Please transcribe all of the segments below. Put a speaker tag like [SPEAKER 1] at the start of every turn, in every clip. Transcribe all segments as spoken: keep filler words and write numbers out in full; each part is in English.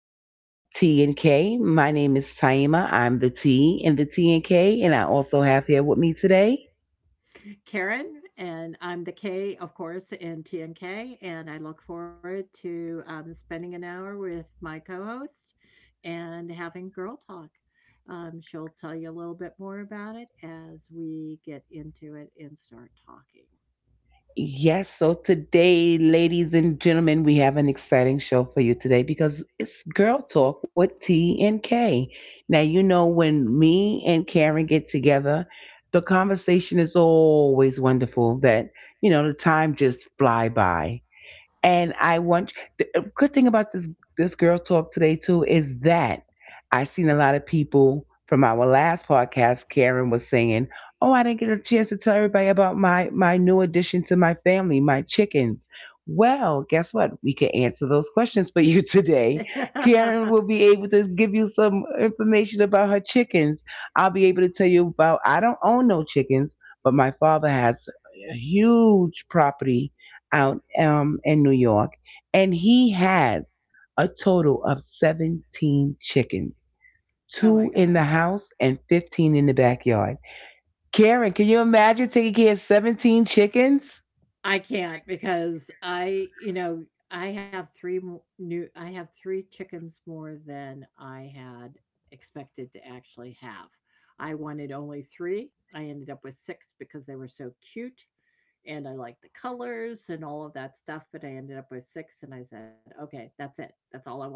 [SPEAKER 1] of T and K. My name is Taima. I'm the T in the T and K, and I also have here with me today.
[SPEAKER 2] Karen, and I'm the K, of course, in T N K. And I look forward to um, spending an hour with my co host and having Girl Talk. Um, she'll tell you a little bit more about it as we get into it and start talking.
[SPEAKER 1] Yes, so today, ladies and gentlemen, we have an exciting show for you today because it's Girl Talk with T and K. Now, you know, when me and Karen get together, the conversation is always wonderful that, you know, the time just fly by. And I want the a good thing about this this girl talk today too is that I seen a lot of people from our last podcast. Karen was saying, "Oh, I didn't get a chance to tell everybody about my my new addition to my family, my chickens." Well, guess what? We can answer those questions for you today. Karen will be able to give you some information about her chickens. I'll be able to tell you about I don't own no chickens, but my father has a huge property out um, in New York, and he has a total of seventeen chickens,
[SPEAKER 2] Oh my
[SPEAKER 1] two in
[SPEAKER 2] gosh.
[SPEAKER 1] the house and fifteen in the backyard. Karen, can you imagine taking care of seventeen chickens?
[SPEAKER 2] I can't because I, you know, I have three mo new I have three chickens more than I had expected to actually have. I wanted only three. I ended up with six because they were so cute, and I liked the colors and all of that stuff, but I ended up with six and I said, "Okay, that's it. That's all I want."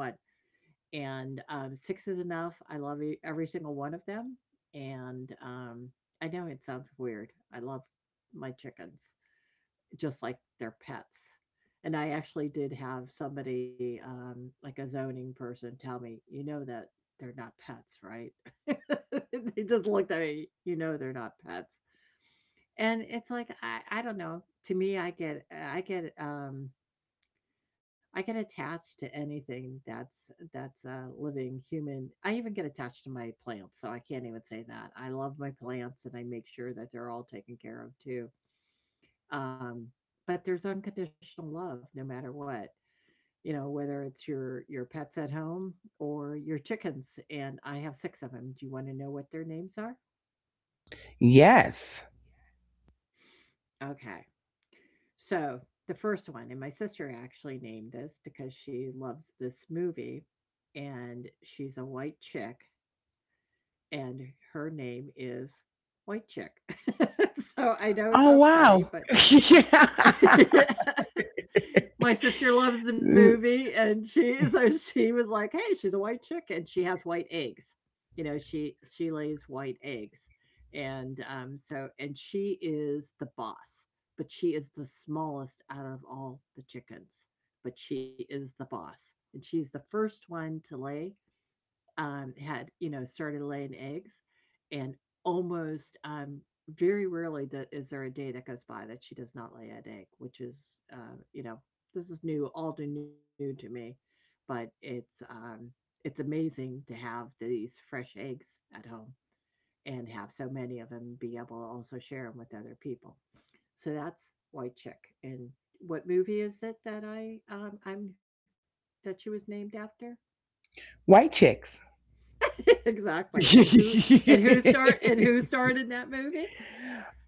[SPEAKER 2] And, um, six is enough. I love e every single one of them. And, um, I know it sounds weird. I love my chickens just like their pets. And I actually did have somebody, um, like a zoning person, tell me, you know that they're not pets, right? They just looked at me. You know they're not pets. And it's like I, I don't know. To me, I get I get um I get attached to anything that's that's a living human. I even get attached to my plants, so I can't even say that. I love my plants and I make sure that they're all taken care of too. Um, but there's unconditional love no matter what, you know, whether it's your your pets at home or your chickens. And I have six of them. Do you want to know what their names are?
[SPEAKER 1] Yes.
[SPEAKER 2] Okay. So the first one, and my sister actually named this because she loves this movie, and she's a white chick, and her name is White Chick. So I know it
[SPEAKER 1] Oh,
[SPEAKER 2] sounds funny,
[SPEAKER 1] wow.
[SPEAKER 2] but my sister loves the
[SPEAKER 1] Yeah.
[SPEAKER 2] movie, and she so she was like, "Hey, she's a white chick, and she has white eggs. You know, she she lays white eggs." And um, so and she is the boss, but she is the smallest out of all the chickens, but she is the boss, and she's the first one to lay, um, had, you know, started laying eggs. And almost, um, very rarely do, is there a day that goes by that she does not lay an egg, which is, uh, you know, this is new, all too new to me. But it's, um, it's amazing to have these fresh eggs at home and have so many of them, be able to also share them with other people. So that's White Chick. And what movie is it that I um I'm that she was named after?
[SPEAKER 1] White Chicks.
[SPEAKER 2] Exactly. And who and who start and who starred in that movie?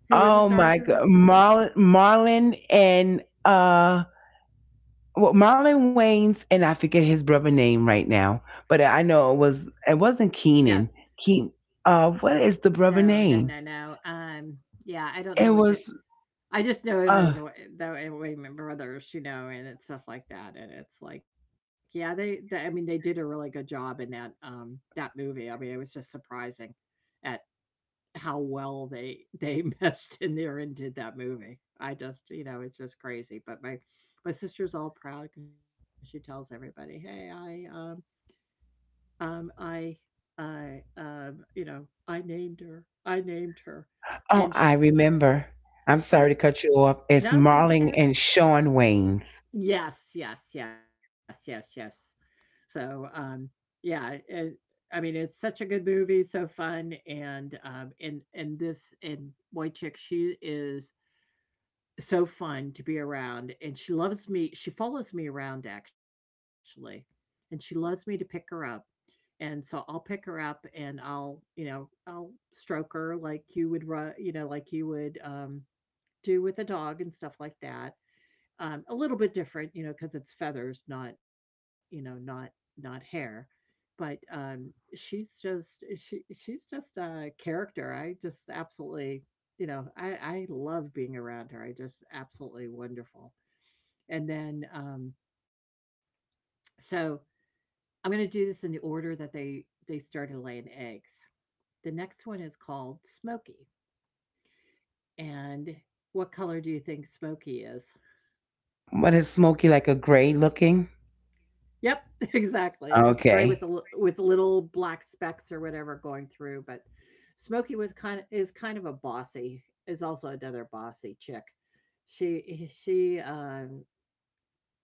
[SPEAKER 2] Who were the
[SPEAKER 1] Oh
[SPEAKER 2] stars
[SPEAKER 1] my
[SPEAKER 2] in there?
[SPEAKER 1] God, Mar- Marlin and uh well, Marlon Wayans, and I forget his brother name right now, but I know it was it wasn't
[SPEAKER 2] Yeah.
[SPEAKER 1] Keenan. Keen, uh, what is the brother
[SPEAKER 2] No, no,
[SPEAKER 1] name?
[SPEAKER 2] no, no. Um, yeah, I don't
[SPEAKER 1] It
[SPEAKER 2] know what that.
[SPEAKER 1] was,
[SPEAKER 2] I just know him as
[SPEAKER 1] uh
[SPEAKER 2] Wa- the Wa- Wayman Brothers, you know, and it's stuff like that. And it's like, yeah, they, they, I mean, they did a really good job in that um that movie. I mean, it was just surprising, how well they they meshed in there and did that movie. I just, you know, it's just crazy. But my my sister's all proud because she tells everybody, "Hey, I um um I I um you know I named her. I named her."
[SPEAKER 1] oh,
[SPEAKER 2] And she,
[SPEAKER 1] I remember. I'm sorry
[SPEAKER 2] but
[SPEAKER 1] to cut you off. It's
[SPEAKER 2] no, that's
[SPEAKER 1] Marlon
[SPEAKER 2] okay.
[SPEAKER 1] and Sean Wayans.
[SPEAKER 2] Yes, yes, yes, yes, yes. So um yeah, it, I mean it's such a good movie, so fun. And um and and this and Wojcik, she is so fun to be around, and she loves me, she follows me around, actually, and she loves me to pick her up, and so I'll pick her up, and I'll, you know, I'll stroke her like you would ru you know, like you would, um, do with a dog and stuff like that, um, a little bit different, you know, because it's feathers, not, you know, not not hair. But um, she's just she she's just a character. I just absolutely, you know, I I love being around her. I just absolutely wonderful. And then, um, so I'm going to do this in the order that they they started laying eggs. The next one is called Smokey. And what color do you think Smokey is?
[SPEAKER 1] What is Smokey, like a gray looking?
[SPEAKER 2] Yep, exactly. It's gray with a l
[SPEAKER 1] Okay.
[SPEAKER 2] with little black specks or whatever going through. But Smokey was kinda is kind of a bossy, is also another bossy chick. She she, um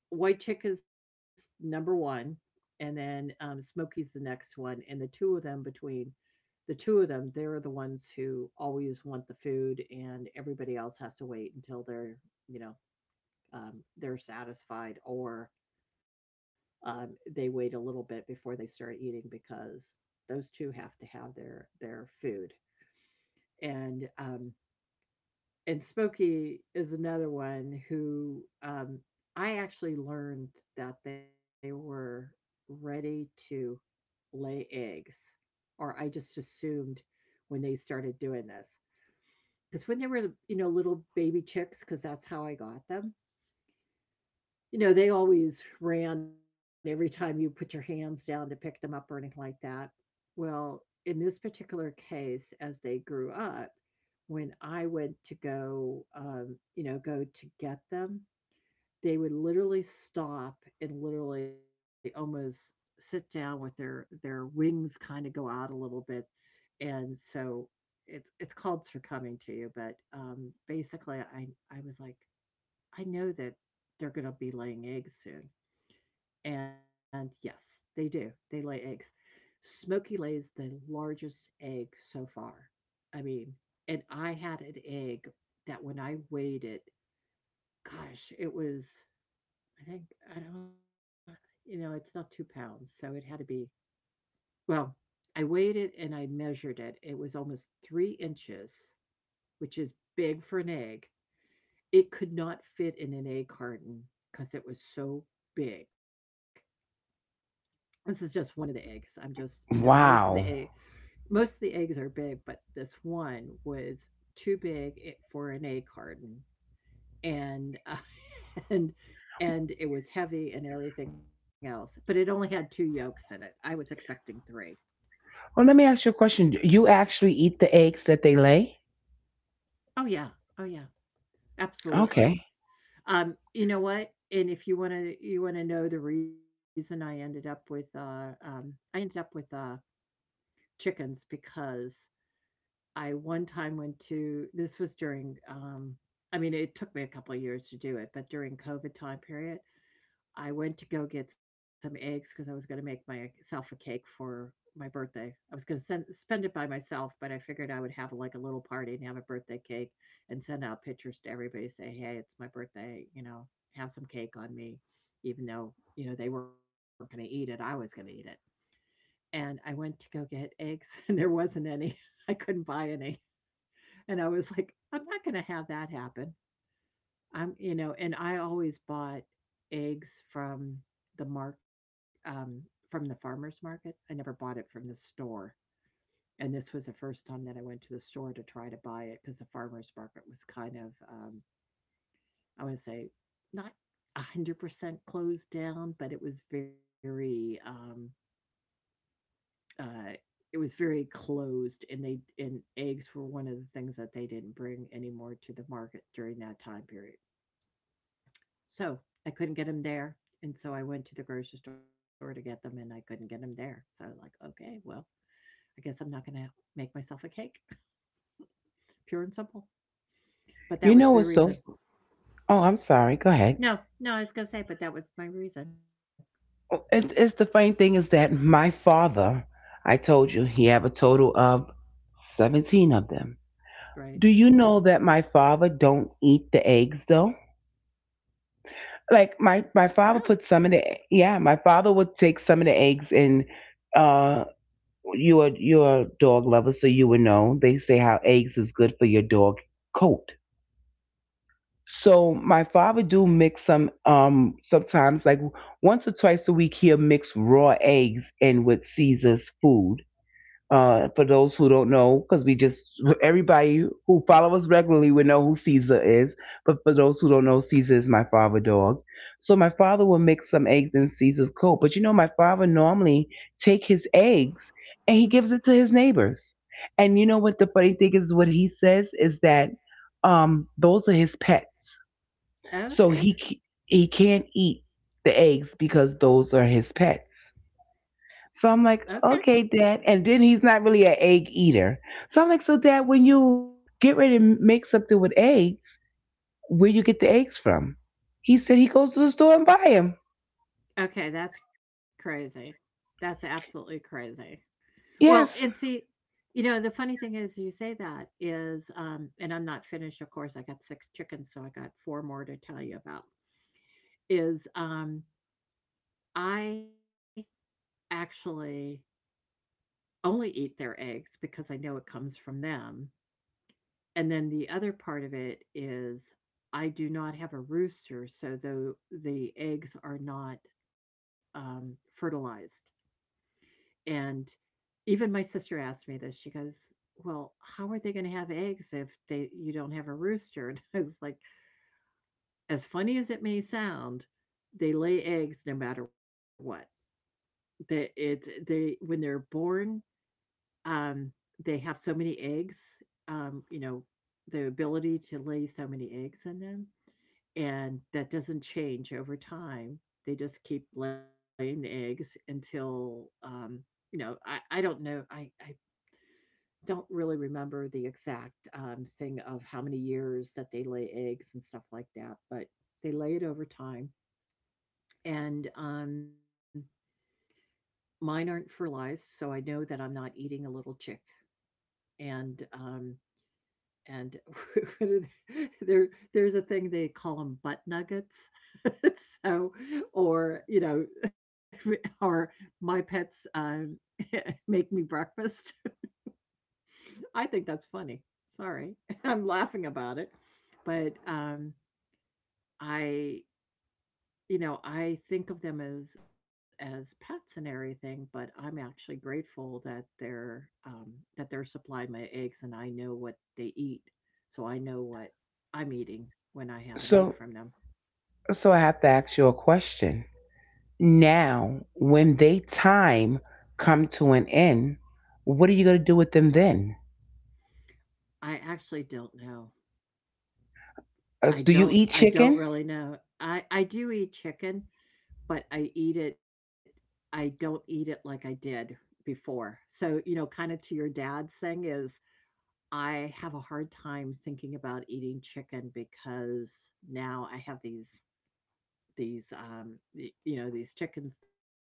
[SPEAKER 2] White Chick is number one, and then, um, Smokey's the next one. And the two of them, between the two of them, they're the ones who always want the food, and everybody else has to wait until they're, you know, um, they're satisfied, or um, they wait a little bit before they start eating because those two have to have their their food. And um, and Smokey is another one who, um, I actually learned that they were ready to lay eggs, or I just assumed when they started doing this, because when they were, you know, little baby chicks, because that's how I got them. You know, they always ran every time you put your hands down to pick them up or anything like that. Well, in this particular case, as they grew up, when I went to go, um, you know, go to get them, they would literally stop and literally almost sit down with their their wings kind of go out a little bit. And so it's it's called succumbing to you, but, um, basically, I I was like, I know that they're going to be laying eggs soon. And yes, they do. They lay eggs. Smokey lays the largest egg so far. I mean, and I had an egg that when I weighed it, gosh, it was, I think, I don't, you know, it's not two pounds. So it had to be, well, I weighed it and I measured it. It was almost three inches, which is big for an egg. It could not fit in an egg carton because it was so big. This is just one of the eggs. I'm just, you know, most of the egg,
[SPEAKER 1] Wow.
[SPEAKER 2] Most of the eggs are big, but this one was too big for an egg carton, and, uh, and and it was heavy and everything else, but it only had two yolks in it. I was expecting three.
[SPEAKER 1] Well, let me ask you a question. You actually eat the eggs that they lay?
[SPEAKER 2] Oh, yeah. Oh, yeah. Absolutely.
[SPEAKER 1] Okay.
[SPEAKER 2] Um, you know what? And if you wanna you wanna know the reason I ended up with, uh, um I ended up with, uh, chickens, because I one time went to, this was during, um, I mean, it took me a couple of years to do it, but during COVID time period, I went to go get some eggs because I was going to make myself a cake for my birthday. I was going to spend it by myself, but I figured I would have like a little party and have a birthday cake and send out pictures to everybody, say, "Hey, it's my birthday, you know, have some cake on me," even though, you know, they weren't going to eat it. I was going to eat it. And I went to go get eggs and there wasn't any. I couldn't buy any. And I was like, "I'm not gonna have that happen." I'm you know, and I always bought eggs from the mark um, from the farmer's market. I never bought it from the store. And this was the first time that I went to the store to try to buy it because the farmer's market was kind of, um, I want to say, not one hundred percent closed down, but it was very, um, uh, it was very closed, and they and eggs were one of the things that they didn't bring anymore to the market during that time period. So I couldn't get them there. And so I went to the grocery store to get them and I couldn't get them there. So I was like, okay, well, I guess I'm not going to make myself a cake, pure and simple. But that
[SPEAKER 1] You
[SPEAKER 2] was
[SPEAKER 1] know
[SPEAKER 2] the
[SPEAKER 1] what's so?
[SPEAKER 2] reason.
[SPEAKER 1] Oh, I'm sorry. Go ahead.
[SPEAKER 2] No, no, I was going to say, but that was my reason.
[SPEAKER 1] It, it's the funny thing is that my father, I told you, he have a total of seventeen of them.
[SPEAKER 2] Right.
[SPEAKER 1] Do you know that my father don't eat the eggs though? Like my my father
[SPEAKER 2] Really?
[SPEAKER 1] put some of the. Yeah, my father would take some of the eggs, and uh you are you're a dog lover, so you would know. They say how eggs is good for your dog coat. So my father do mix some, um sometimes like once or twice a week he'll mix raw eggs in with Caesar's food. Uh, for those who don't know, because we just everybody who follow us regularly would know who Caesar is. But for those who don't know, Caesar is my father dog. So my father will mix some eggs in Caesar's coat. But you know, my father normally take his eggs and he gives it to his neighbors. And you know what the funny thing is? What he says is that um, those are his pets. So
[SPEAKER 2] Okay.
[SPEAKER 1] he c- he can't eat the eggs because those are his pets. So I'm
[SPEAKER 2] Okay.
[SPEAKER 1] like, okay, Dad. And then he's not really an egg eater. So I'm like, so Dad, when you get ready to make something with eggs, where you get the eggs from? He said he goes to the store and buy them.
[SPEAKER 2] Okay. That's crazy. That's absolutely crazy. Well, and
[SPEAKER 1] Yes.
[SPEAKER 2] see, you know, the funny thing is you say that is, um, and I'm not finished, of course, I got six chickens, so I got four more to tell you about, is, um, I actually only eat their eggs because I know it comes from them, and then the other part of it is I do not have a rooster, so the the eggs are not, um, fertilized, and even my sister asked me this. She goes, "Well, how are they gonna have eggs if they you don't have a rooster?" And I was like, "As funny as it may sound, they lay eggs no matter what. They it's they when they're born, um, they have so many eggs, um, you know, the ability to lay so many eggs in them, and that doesn't change over time. They just keep laying the eggs until, um, you know, I I don't know, I I don't really remember the exact um, thing of how many years that they lay eggs and stuff like that, but they lay it over time. And um, mine aren't fertilized, so I know that I'm not eating a little chick. And um, and there there's a thing they call them butt nuggets, so or you know, or my pets um, make me breakfast. I think that's funny. Sorry. I'm laughing about it. But um I you know, I think of them as as pets and everything, but I'm actually grateful that they're um that they're supplying my eggs and I know what they eat. So I know what I'm eating when I have an egg
[SPEAKER 1] So,
[SPEAKER 2] from them.
[SPEAKER 1] so I have to ask you a question. Now, when they time come to an end, what are you gonna do with them then?
[SPEAKER 2] I actually don't know.
[SPEAKER 1] Uh,
[SPEAKER 2] I
[SPEAKER 1] do you
[SPEAKER 2] don't
[SPEAKER 1] eat
[SPEAKER 2] I don't
[SPEAKER 1] chicken?
[SPEAKER 2] really know. I I do eat chicken. But I eat it I don't eat it like I did before. So, you know, kinda to your dad's thing is I have a hard time thinking about eating chicken because now I have these these, um, you know, these chickens that are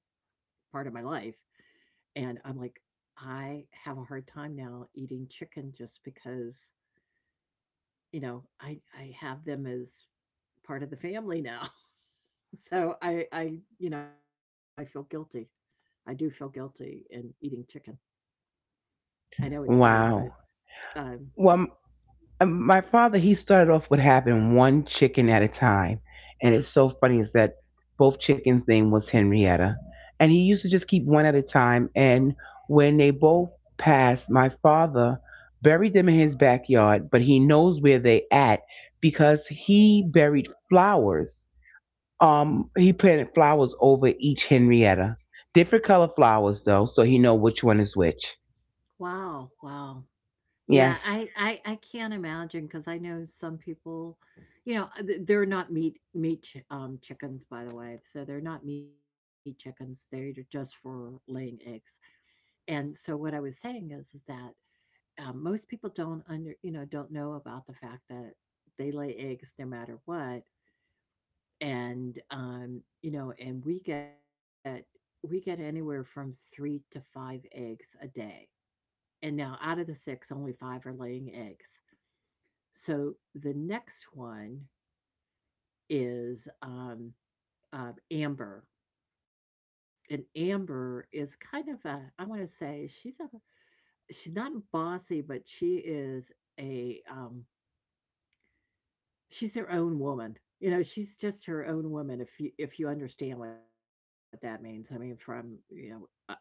[SPEAKER 2] part of my life, and I'm like, I have a hard time now eating chicken just because, you know, I I have them as part of the family now. So I I you know, I feel guilty. I do feel guilty in eating chicken. I know it's weird, but
[SPEAKER 1] Wow.
[SPEAKER 2] um,
[SPEAKER 1] Well. Um, my father, he started off with having one chicken at a time. And it's so funny is that both chickens name was Henrietta. And he used to just keep one at a time. And when they both passed, my father buried them in his backyard, but he knows where they at because he buried flowers. Um he planted flowers over each Henrietta, different color flowers though, so he know which one is which.
[SPEAKER 2] wow, wow. Yeah,
[SPEAKER 1] Yes,
[SPEAKER 2] I I I can't imagine because I know some people, you know, uh, th- they're not meat meat chi- um chickens by the way. So they're not meat chickens. They're just for laying eggs. And so what I was saying is, is that um, most people don't under, you know, don't know about the fact that they lay eggs no matter what. and um, you know, and we get we get anywhere from three to five eggs a day. And now out of the six, only five are laying eggs. So the next one is um, uh, Amber, and Amber is kind of a, I want to say she's a, she's not bossy, but she is a, um, she's her own woman. You know, she's just her own woman, if you if you understand what that means. I mean, from, you know, uh, you and I,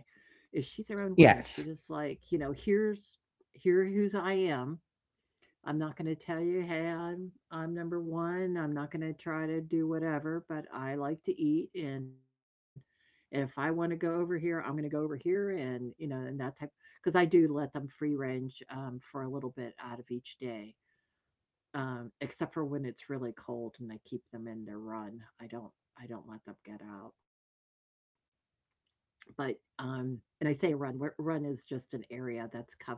[SPEAKER 2] is she's her own woman. She just
[SPEAKER 1] yes.
[SPEAKER 2] like, you know, here's here who's I am. I'm not gonna tell you, hey, I'm I'm number one. I'm not gonna try to do whatever, but I like to eat, and and if I want to go over here, I'm going to go over here, and, you know, and that type, because I do let them free range um, for a little bit out of each day, um, except for when it's really cold and I keep them in their run. I don't I don't let them get out. But um and I say a run, where run is just an area that's covered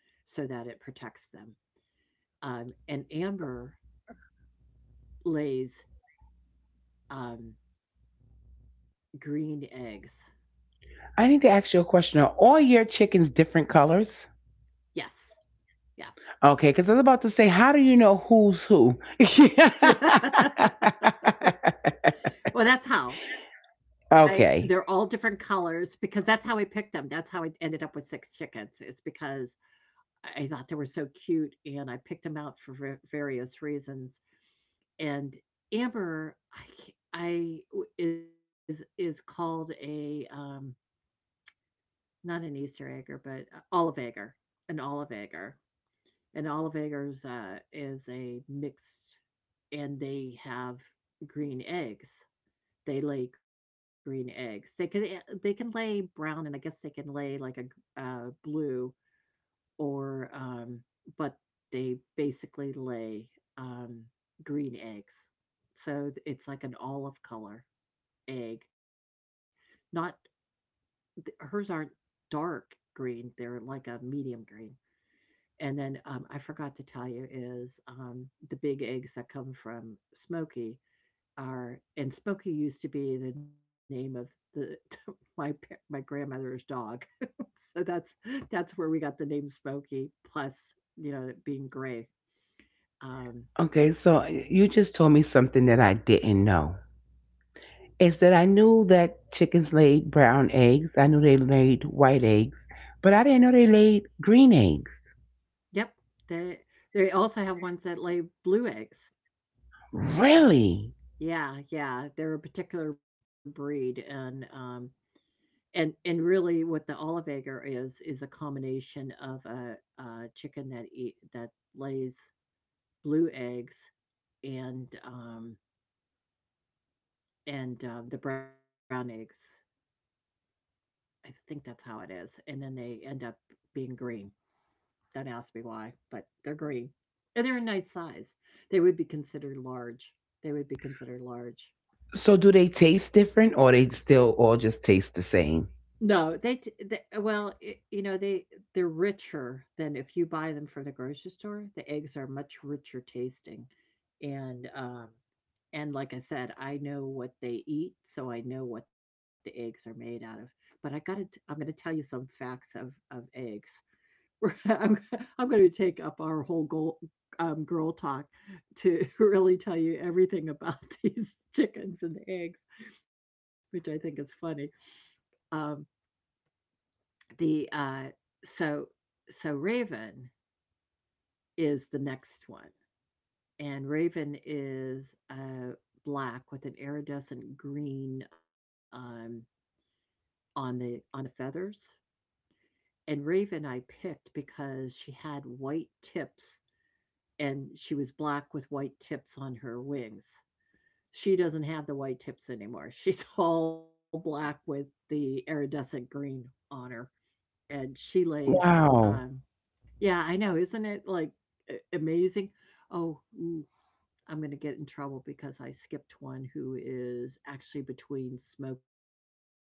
[SPEAKER 2] so that it protects them. Um and Amber lays, um green eggs.
[SPEAKER 1] I need to ask you a question. Are all your chickens different colors?
[SPEAKER 2] Yes. Yes.
[SPEAKER 1] Okay, because I was about to say, how do you know who's who?
[SPEAKER 2] Well, that's how. I they're all different
[SPEAKER 1] Okay.
[SPEAKER 2] colors because that's how I picked them. That's how I ended up with six chickens. It's because I thought they were so cute, and I picked them out for va various reasons, and Amber, I ca is is called a, um, not an Easter egger, but a olive egger, an olive egger. An olive egger's, uh, is a mixed, and they have green eggs. They lay green eggs. They can, eh they can lay brown, and I guess they can lay like a, uh, blue, or um, but they basically lay, um, green eggs. So it's like an olive color egg. Not hers aren't dark green; they're like a medium green. And then um, I forgot to tell you is um, the big eggs that come from Smoky are, and Spooky used to be the name of the my my grandmother's dog. So that's that's where we got the name Spooky, plus, you know, it being gray. Um
[SPEAKER 1] Okay, so you just told me something that I didn't know. Is that I knew that chickens laid brown eggs, I knew they laid white eggs, but I didn't know they laid green eggs.
[SPEAKER 2] yep, they they also have ones that lay blue eggs.
[SPEAKER 1] Really?
[SPEAKER 2] Yeah, yeah, they're a particular breed, and um and and really what the Olive Egger is is a combination of a, a chicken that eat that lays blue eggs, and um and uh, the brown eggs. I think that's how it is. And then they end up being green. Don't ask me why, but they're green. And they're a nice size. They would be considered large. They would be considered large.
[SPEAKER 1] So do they taste different or they still all just taste the same?
[SPEAKER 2] No, they t the well, it you know, they they're richer than if you buy them from the grocery store. The eggs are much richer tasting, and, um and like I said, I know what they eat, so I know what the eggs are made out of. But I gotta t I'm gonna tell you some facts of of eggs. We're- I'm I'm gonna take up our whole goal, um, girl talk, to really tell you everything about these chickens and eggs, which I think is funny. Um the, uh so so Raven is the next one, and Raven is, uh, black with an iridescent green, um, on the on the feathers, and Raven I picked because she had white tips, and she was black with white tips on her wings. She doesn't have the white tips anymore. She's all black with the iridescent green on her, and she lays, um
[SPEAKER 1] Wow.
[SPEAKER 2] yeah, I know, isn't it like, a amazing? Oh, ooh, I'm gonna get in trouble because I skipped one who is actually between Smokey and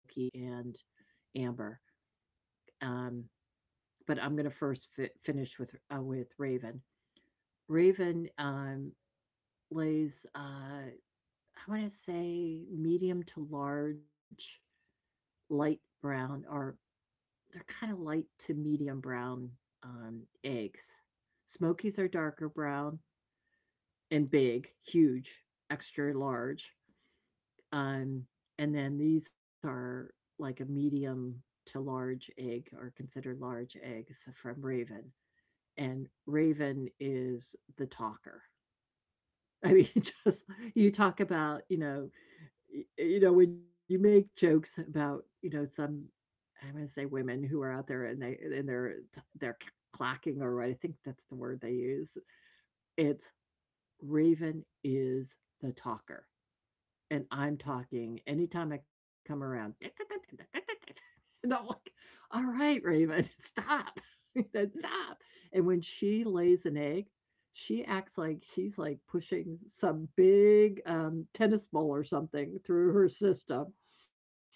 [SPEAKER 2] Amber, um, but I'm gonna first fi finish with, uh, with Raven. Raven, um, lays, uh, I wanna say medium to large, light brown, or they're kinda light to medium brown, um, eggs. Smokies are darker brown, and big, huge, extra large. Um, and then these are like a medium to large egg, are considered large eggs from Raven. And Raven is the talker. I mean, just you talk about, you know, you know, when you make jokes about, you know, some, I'm gonna say women who are out there, and they and they're they're clacking, or I think that's the word they use. It's Raven is the talker. And I'm talking anytime I come around, and I'm like, all right, Raven, stop. You know, stop. And when she lays an egg, she acts like she's like pushing some big, um, tennis ball or something through her system.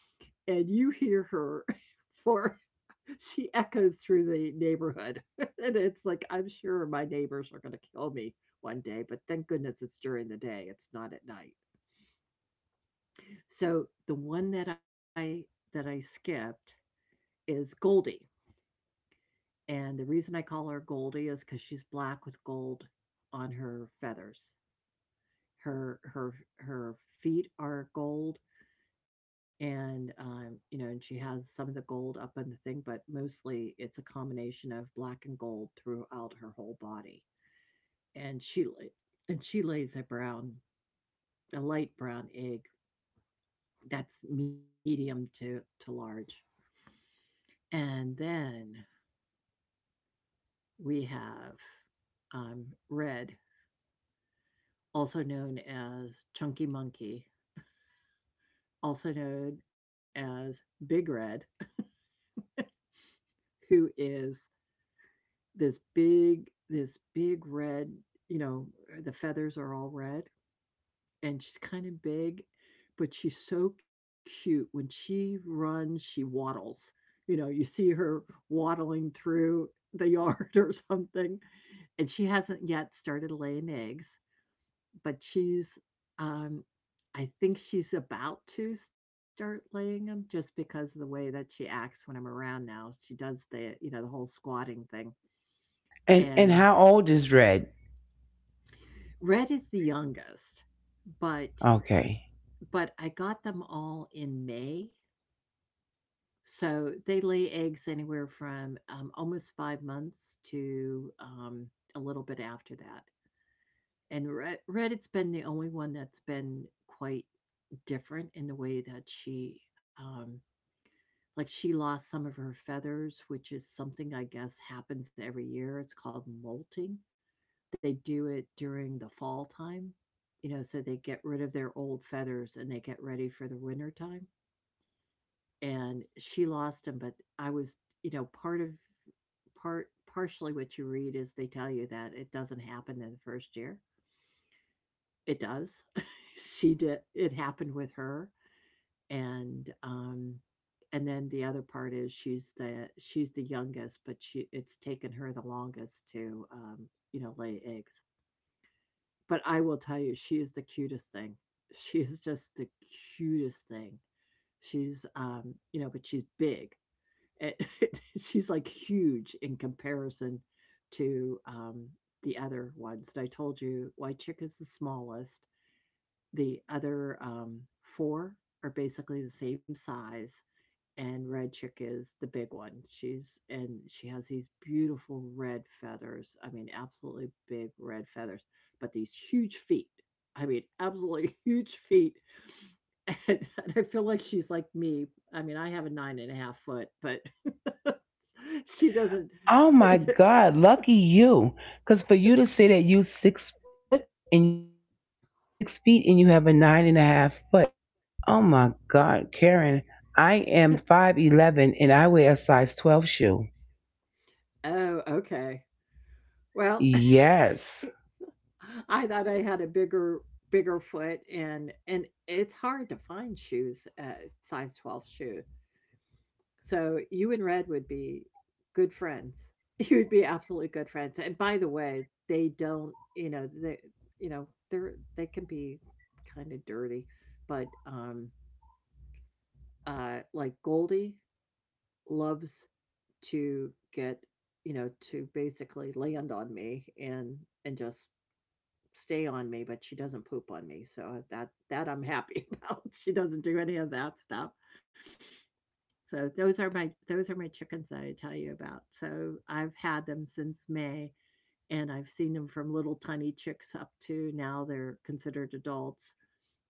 [SPEAKER 2] And you hear her for she echoes through the neighborhood. And it's like, I'm sure my neighbors are going to kill me one day, but thank goodness it's during the day, it's not at night. So the one that I that I skipped is Goldie, and the reason I call her Goldie is because she's black with gold on her feathers. Her her her feet are gold, and, um, you know, and she has some of the gold up on the thing, but mostly it's a combination of black and gold throughout her whole body. And she and she lays a brown a light brown egg that's medium to to large. And then we have, um, Red, also known as Chunky Monkey, also known as Big Red, who is this big, this big red, you know, uh, the feathers are all red, and she's kind of big, but she's so cute. When she runs, she waddles. You know, you see her waddling through the yard or something, and she hasn't yet started laying eggs. But she's, um I think she's about to start laying them, just because of the way that she acts when I'm around now. She does the, you know, the whole squatting thing.
[SPEAKER 1] And and
[SPEAKER 2] And
[SPEAKER 1] how old is Red?
[SPEAKER 2] Red is the youngest, but
[SPEAKER 1] Okay.
[SPEAKER 2] but I got them all in May. So they lay eggs anywhere from, um, almost five months to, um, a little bit after that. And Red Red it has been the only one that's been quite different in the way that she, um like, she lost some of her feathers, which is something I guess happens every year, it's called molting. They do it during the fall time, you know, so they get rid of their old feathers and they get ready for the winter time, and she lost them, but I was, you know, part of part partially what you read is they tell you that it doesn't happen in the first year. It does. She did it happened with her, and um and then the other part is she's the she's the youngest but she it's taken her the longest to um you know lay eggs. But I will tell you, she is the cutest thing. She is just the cutest thing. She's um you know but she's big. It- it, she's like huge in comparison to um the other ones that I told you. White chick is the smallest, the other um four are basically the same size. And Red chick is the big one. She's and she has these beautiful red feathers. I mean absolutely big red feathers, but these huge feet. I mean absolutely huge feet. And, and I feel like she's like me. I mean, I have a nine and a half foot, but she doesn't.
[SPEAKER 1] Oh my God, lucky you. Because for you to say that you six foot and you have a, you six feet and you have a nine and a half foot. Oh my God, Karen, I am five eleven and I wear a size twelve shoe.
[SPEAKER 2] Oh, okay. Well,
[SPEAKER 1] Yes.
[SPEAKER 2] I thought I had a bigger bigger foot, and and it's hard to find shoes, uh, size twelve shoes. So you and Red would be good friends. You'd be absolutely good friends. And by the way, they don't, you know, they, you know, they're they can be kind of dirty, but um, uh, like Goldie loves to get, you know, to basically land on me and and just stay on me, but she doesn't poop on me. So uh, that that I'm happy about. She doesn't do any of that stuff. So those are my those are my chickens that I tell you about. So I've had them since May, and I've seen them from little tiny chicks up to now. They're considered adults.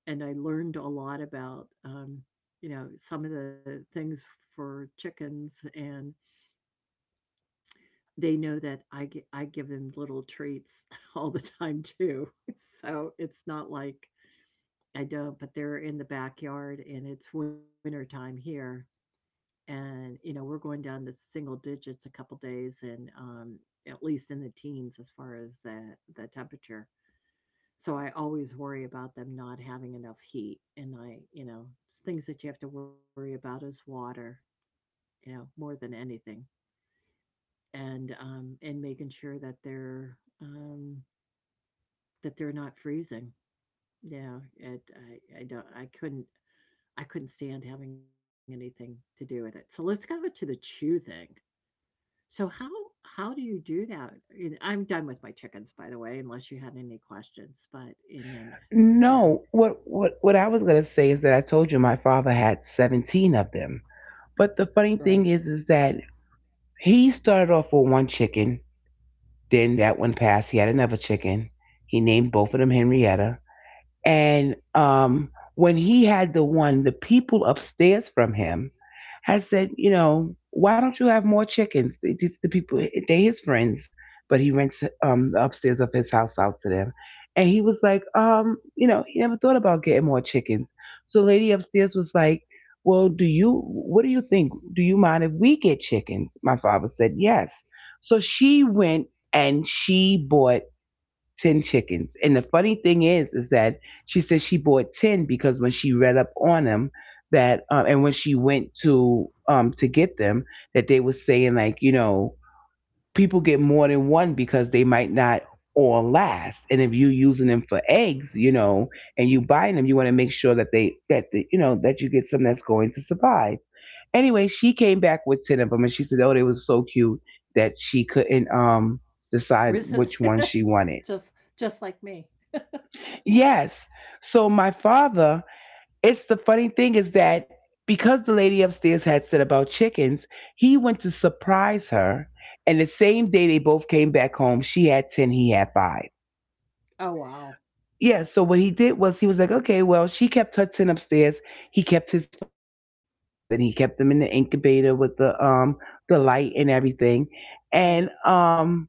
[SPEAKER 2] And I learned a lot about, um, you know, some of the things for chickens, and they know that I gi- I give them little treats all the time too. So it's not like I don't, but they're in the backyard, and it's winter time here. And, you know, we're going down to single digits a couple days, and um, at least in the teens as far as the, the temperature. So I always worry about them not having enough heat. And I, you know, s- things that you have to worry about is water, you know, more than anything. And um and making sure that they're um that they're not freezing. Yeah, it I, I don't, I couldn't I couldn't stand having anything to do with it. So let's go to the chew thing. So how how do you do that? And I'm done with my chickens, by the way, unless you had any questions, but and then, you
[SPEAKER 1] No,
[SPEAKER 2] know,
[SPEAKER 1] what what what I was gonna say is that I told you my father had seventeen of them. But the
[SPEAKER 2] Right.
[SPEAKER 1] funny thing is is that he started off with one chicken, then that one passed, he had another chicken. He named both of them Henrietta. And um, when he had the one, the people upstairs from him had said, you know, why don't you have more chickens? It's the people, they his friends, but he rents um, the upstairs of his house out to them. And he was like, um, you know, he never thought about getting more chickens. So the lady upstairs was like, well, do you, what do you think? Do you mind if we get chickens? My father said, yes. So she went and she bought ten chickens. And the funny thing is, is that she says she bought ten because when she read up on them, that, uh, and when she went to, um, to get them, that they were saying like, you know, people get more than one because they might not all last. And if you using them for eggs, you know, and you buying them, you want to make sure that they, that the, you know, that you get some that's going to survive. Anyway, she came back with ten of them and she said, oh, they was so cute that she couldn't, um, decide
[SPEAKER 2] or is
[SPEAKER 1] which
[SPEAKER 2] it
[SPEAKER 1] one she wanted.
[SPEAKER 2] just just like me?
[SPEAKER 1] Yes. So my father, it's the funny thing is that because the lady upstairs had said about chickens, he went to surprise her. And the same day they both came back home, she had ten, he had five.
[SPEAKER 2] Oh wow,
[SPEAKER 1] Yeah, so what he did was he was like, okay, well, she kept her ten upstairs, he kept his five downstairs, and he kept them in the incubator with the um the light and everything. And
[SPEAKER 2] right.
[SPEAKER 1] um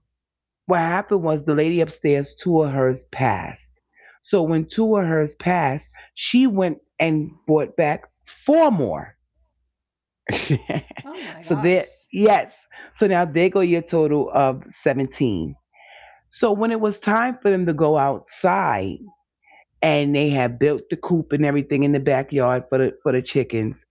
[SPEAKER 1] what happened was the lady upstairs, two of hers passed. So when two of hers passed, she went and brought back four more.
[SPEAKER 2] Oh my
[SPEAKER 1] So
[SPEAKER 2] gosh,
[SPEAKER 1] there, yes. So now they go your total of seventeen. So when it was time for them to go outside and they had built the coop and everything in the backyard for the, for the chickens,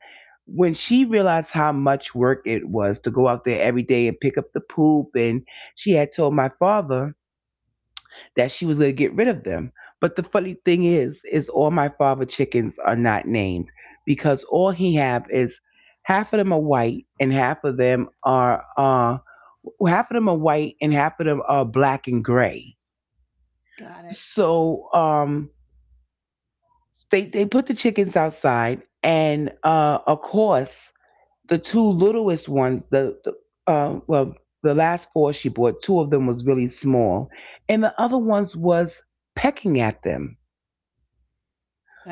[SPEAKER 1] when she realized how much work it was to go out there every day and pick up the poop, and she had told my father that she was going to get rid of them. But the funny thing is, is all my father chickens are not named because all he have is half of them are white and half of them are uh half of them are white and half of them are black and gray.
[SPEAKER 2] got it.
[SPEAKER 1] So um they they put the chickens outside, and uh of course the two littlest ones the, the uh well the last four she bought, two of them was really small and the other ones was pecking at them.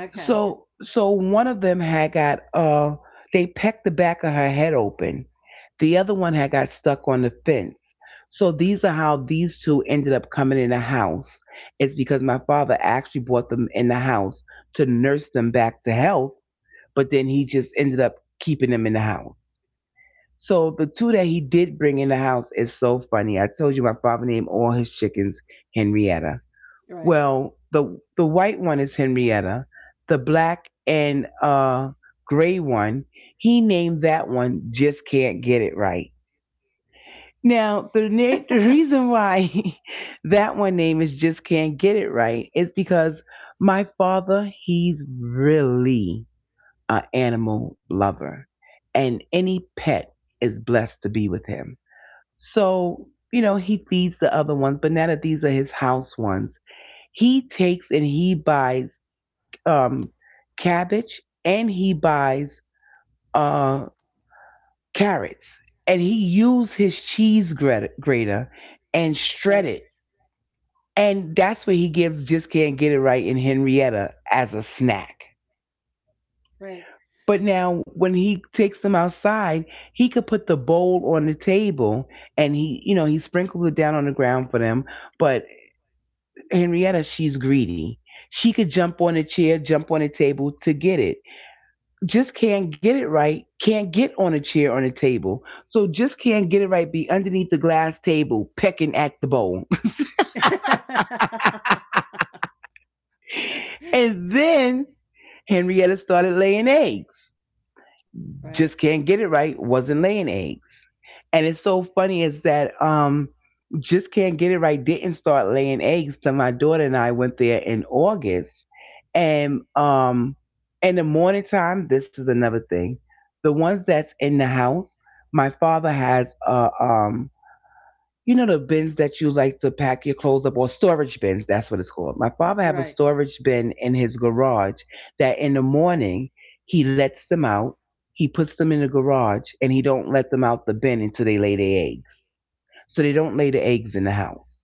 [SPEAKER 2] Okay,
[SPEAKER 1] So so one of them had got uh they pecked the back of her head open. The other one had got stuck on the fence. So these are how these two ended up coming in the house. It's because my father actually brought them in the house to nurse them back to health, but then he just ended up keeping them in the house. So the two that he did bring in the house is so funny. I told you my father named all his chickens Henrietta.
[SPEAKER 2] right,
[SPEAKER 1] Well, the the white one is Henrietta. The black and uh gray one, he named that one Just Can't Get It Right. Now, the na- the reason why that one name is Just Can't Get It Right is because my father, he's really an animal lover, and any pet is blessed to be with him. So, you know, he feeds the other ones, but now that these are his house ones, he takes and he buys um, cabbage and he buys uh, carrots and he used his cheese grater and
[SPEAKER 2] right,
[SPEAKER 1] shred it, and that's what he gives Just Can't Get It Right in henrietta as a snack.
[SPEAKER 2] right,
[SPEAKER 1] But now when he takes them outside, he could put the bowl on the table, and he you know he sprinkles it down on the ground for them. But Henrietta, she's greedy, she could jump on a chair, jump on a table to get it. Just Can't Get It Right, can't get on a chair on a table. So just can't get it right, be underneath the glass table, pecking at the bowl. And then Henrietta started laying eggs.
[SPEAKER 2] right, right,
[SPEAKER 1] Just can't get it right, wasn't laying eggs. And it's so funny is that um just can't get it right didn't start laying eggs till my daughter and I went there in August. And um in the morning time, this is another thing. The ones that's in the house, my father has a um you know the bins that you like to pack your clothes up, or storage bins, that's what it's called. My father have a
[SPEAKER 2] right.
[SPEAKER 1] storage bin in his garage that in the morning he lets them out, he puts them in the garage, and he don't let them out the bin until they lay their eggs. So they don't lay the eggs in the house.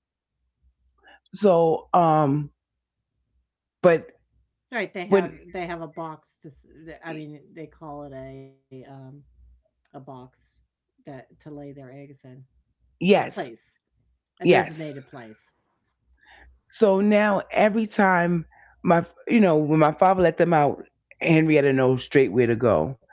[SPEAKER 1] So um but
[SPEAKER 2] They have
[SPEAKER 1] when
[SPEAKER 2] they have a box to. S- I mean, they call it a um A box that to lay their eggs in. A
[SPEAKER 1] yes,
[SPEAKER 2] place, a
[SPEAKER 1] yes.
[SPEAKER 2] designated place.
[SPEAKER 1] So now every time my you know, when my father let them out, Henrietta knows straight where to go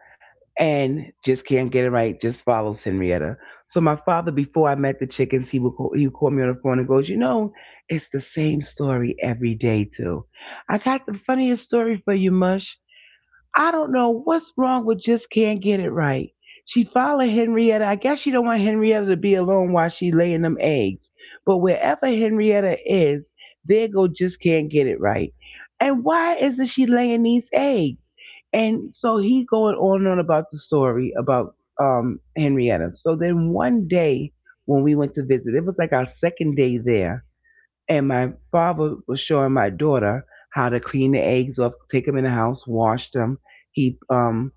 [SPEAKER 1] and just can't get it right, just follows Henrietta. So my father, before I met the chickens, he would call, he would call me on the phone and goes, you know, it's the same story every day too. I got the funniest story for you, Mush. I don't know what's wrong with just can't get it right. She followed Henrietta. I guess she don't want Henrietta to be alone while she laying them eggs. But wherever Henrietta is, there go just can't get it right. And why isn't she laying these eggs? And so he going on and on about the story about um Henrietta. So then one day when we went to visit, it was like our second day there and my father was showing my daughter how to clean the eggs off, take them in the house, wash them. He um,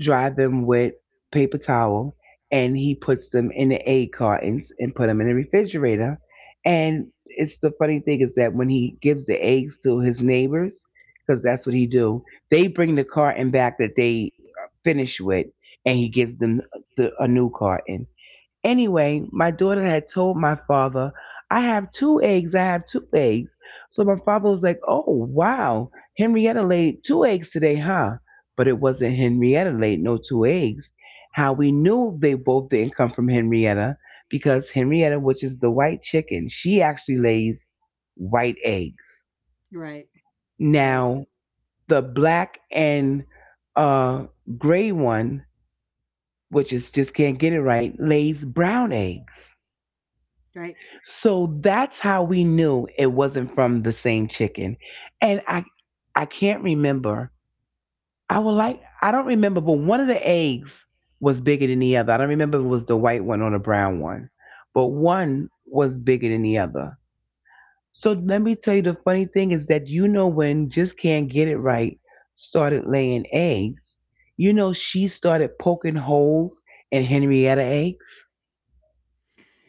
[SPEAKER 1] dried them with paper towel, and he puts them in the egg cartons and put them in the refrigerator. And it's the funny thing is that when he gives the eggs to his neighbors, because that's what he do, they bring the carton back that they uh, finish with, and he gives them the, a new carton. Anyway, my daughter had told my father, I have two eggs, I have two eggs. So my father was like, oh, wow, Henrietta laid two eggs today, huh? But it wasn't Henrietta laid no two eggs. How we knew they both didn't come from Henrietta because Henrietta, which is the white chicken, she actually lays white eggs.
[SPEAKER 2] Right, right,
[SPEAKER 1] Now, the black and uh, gray one, which is just can't get it right, lays brown eggs.
[SPEAKER 2] right.
[SPEAKER 1] So that's how we knew it wasn't from the same chicken. And I I can't remember. I would like I don't remember, but one of the eggs was bigger than the other. I don't remember if it was the white one or the brown one. But one was bigger than the other. So let me tell you the funny thing is that you know when just can't get it right started laying eggs, you know she started poking holes in Henrietta eggs.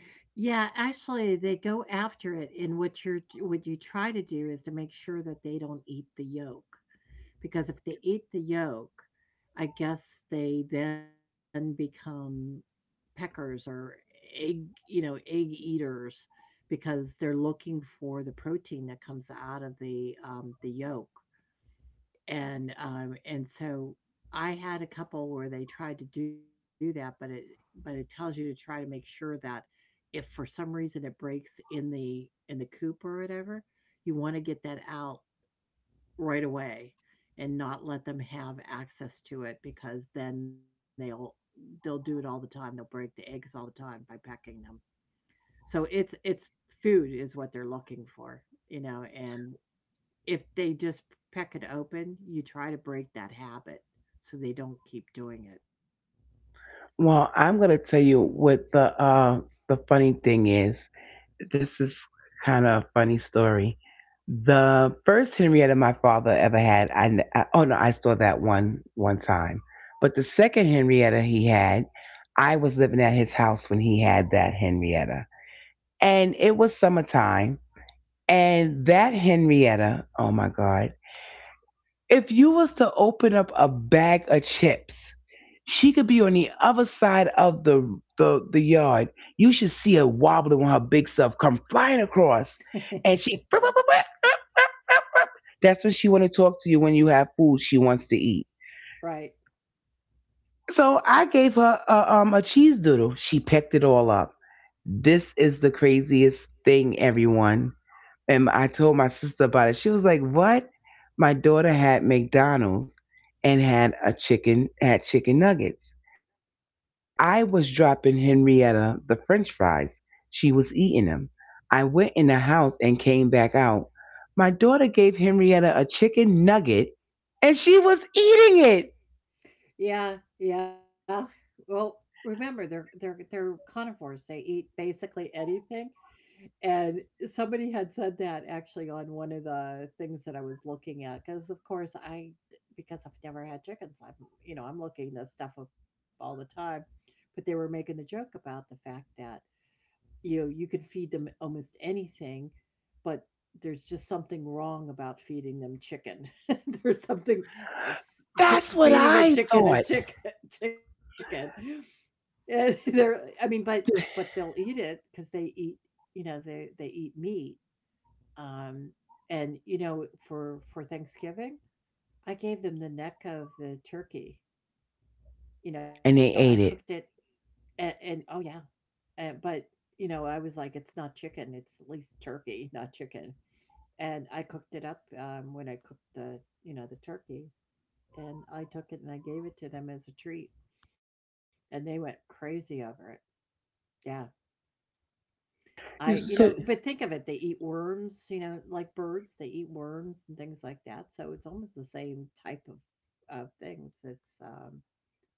[SPEAKER 2] Yeah, actually, they go after it, and what you're what you try to do is to make sure that they don't eat the yolk, because if they eat the yolk, I guess they then become peckers or egg, you know, egg eaters, because they're looking for the protein that comes out of the um, the yolk. And, um, and so I had a couple where they tried to do that, but it but it tells you to try to make sure that if for some reason it breaks in the in the coop or whatever, you wanna get that out right away and not let them have access to it because then they'll they'll do it all the time. They'll break the eggs all the time by pecking them. So it's it's food is what they're looking for, you know, and if they just peck it open, you try to break that habit so they don't keep doing
[SPEAKER 1] Well, I'm gonna tell you what the uh the funny thing is. This is kind of a funny story. The first Henrietta my father ever had, I, n- I- oh no, I saw that one one time. But the second Henrietta he had, I was living at his house when he had that Henrietta, and it was summertime. And that Henrietta, oh my God. If you was to open up a bag of chips, she could be on the other side of the the, the yard. You should see her wobbling when her big self come flying across, and she.
[SPEAKER 2] it.
[SPEAKER 1] That's when she want to talk to you when you have food she wants to eat.
[SPEAKER 2] Right.
[SPEAKER 1] So I gave her a, um, a cheese doodle. She pecked it all up. This is the craziest thing, everyone. And I told my sister about it. She was like, "What?" My daughter had McDonald's and had a chicken had chicken nuggets. So I was dropping Henrietta the French fries. She was eating them. I went in the house and came back out. My daughter gave Henrietta a chicken nugget and she was eating it.
[SPEAKER 2] Yeah. Yeah. Well, remember they're they're they're carnivores. They eat basically anything. And somebody had said that actually on one of the things that I was looking at, because of course I because I've never had chickens, I'm you know, I'm looking this stuff up all the time. But they were making the joke about the fact that you you could feed them almost anything. But there's just something wrong about feeding them chicken. There's something it's chi
[SPEAKER 1] That's what
[SPEAKER 2] feeding a
[SPEAKER 1] I
[SPEAKER 2] chicken a
[SPEAKER 1] thought.
[SPEAKER 2] chick chicken. And they're I mean, but but they'll eat it because they eat, you know, they they eat meat. Um, and, you know, for for Thanksgiving, I gave them the neck of the turkey. You know, I
[SPEAKER 1] And they
[SPEAKER 2] cooked it
[SPEAKER 1] ate it.
[SPEAKER 2] and, and oh yeah, and, but you know, I was like, it's not chicken, it's at least turkey, not chicken. And I cooked it up um, when I cooked the you know the turkey, and I took it and I gave it to them as a treat, and they went crazy over it. Yeah, I you
[SPEAKER 1] You
[SPEAKER 2] know,
[SPEAKER 1] So
[SPEAKER 2] but think of it, they eat worms, you know, like birds, they eat worms and things like that. So it's almost the same type of of things. It's um,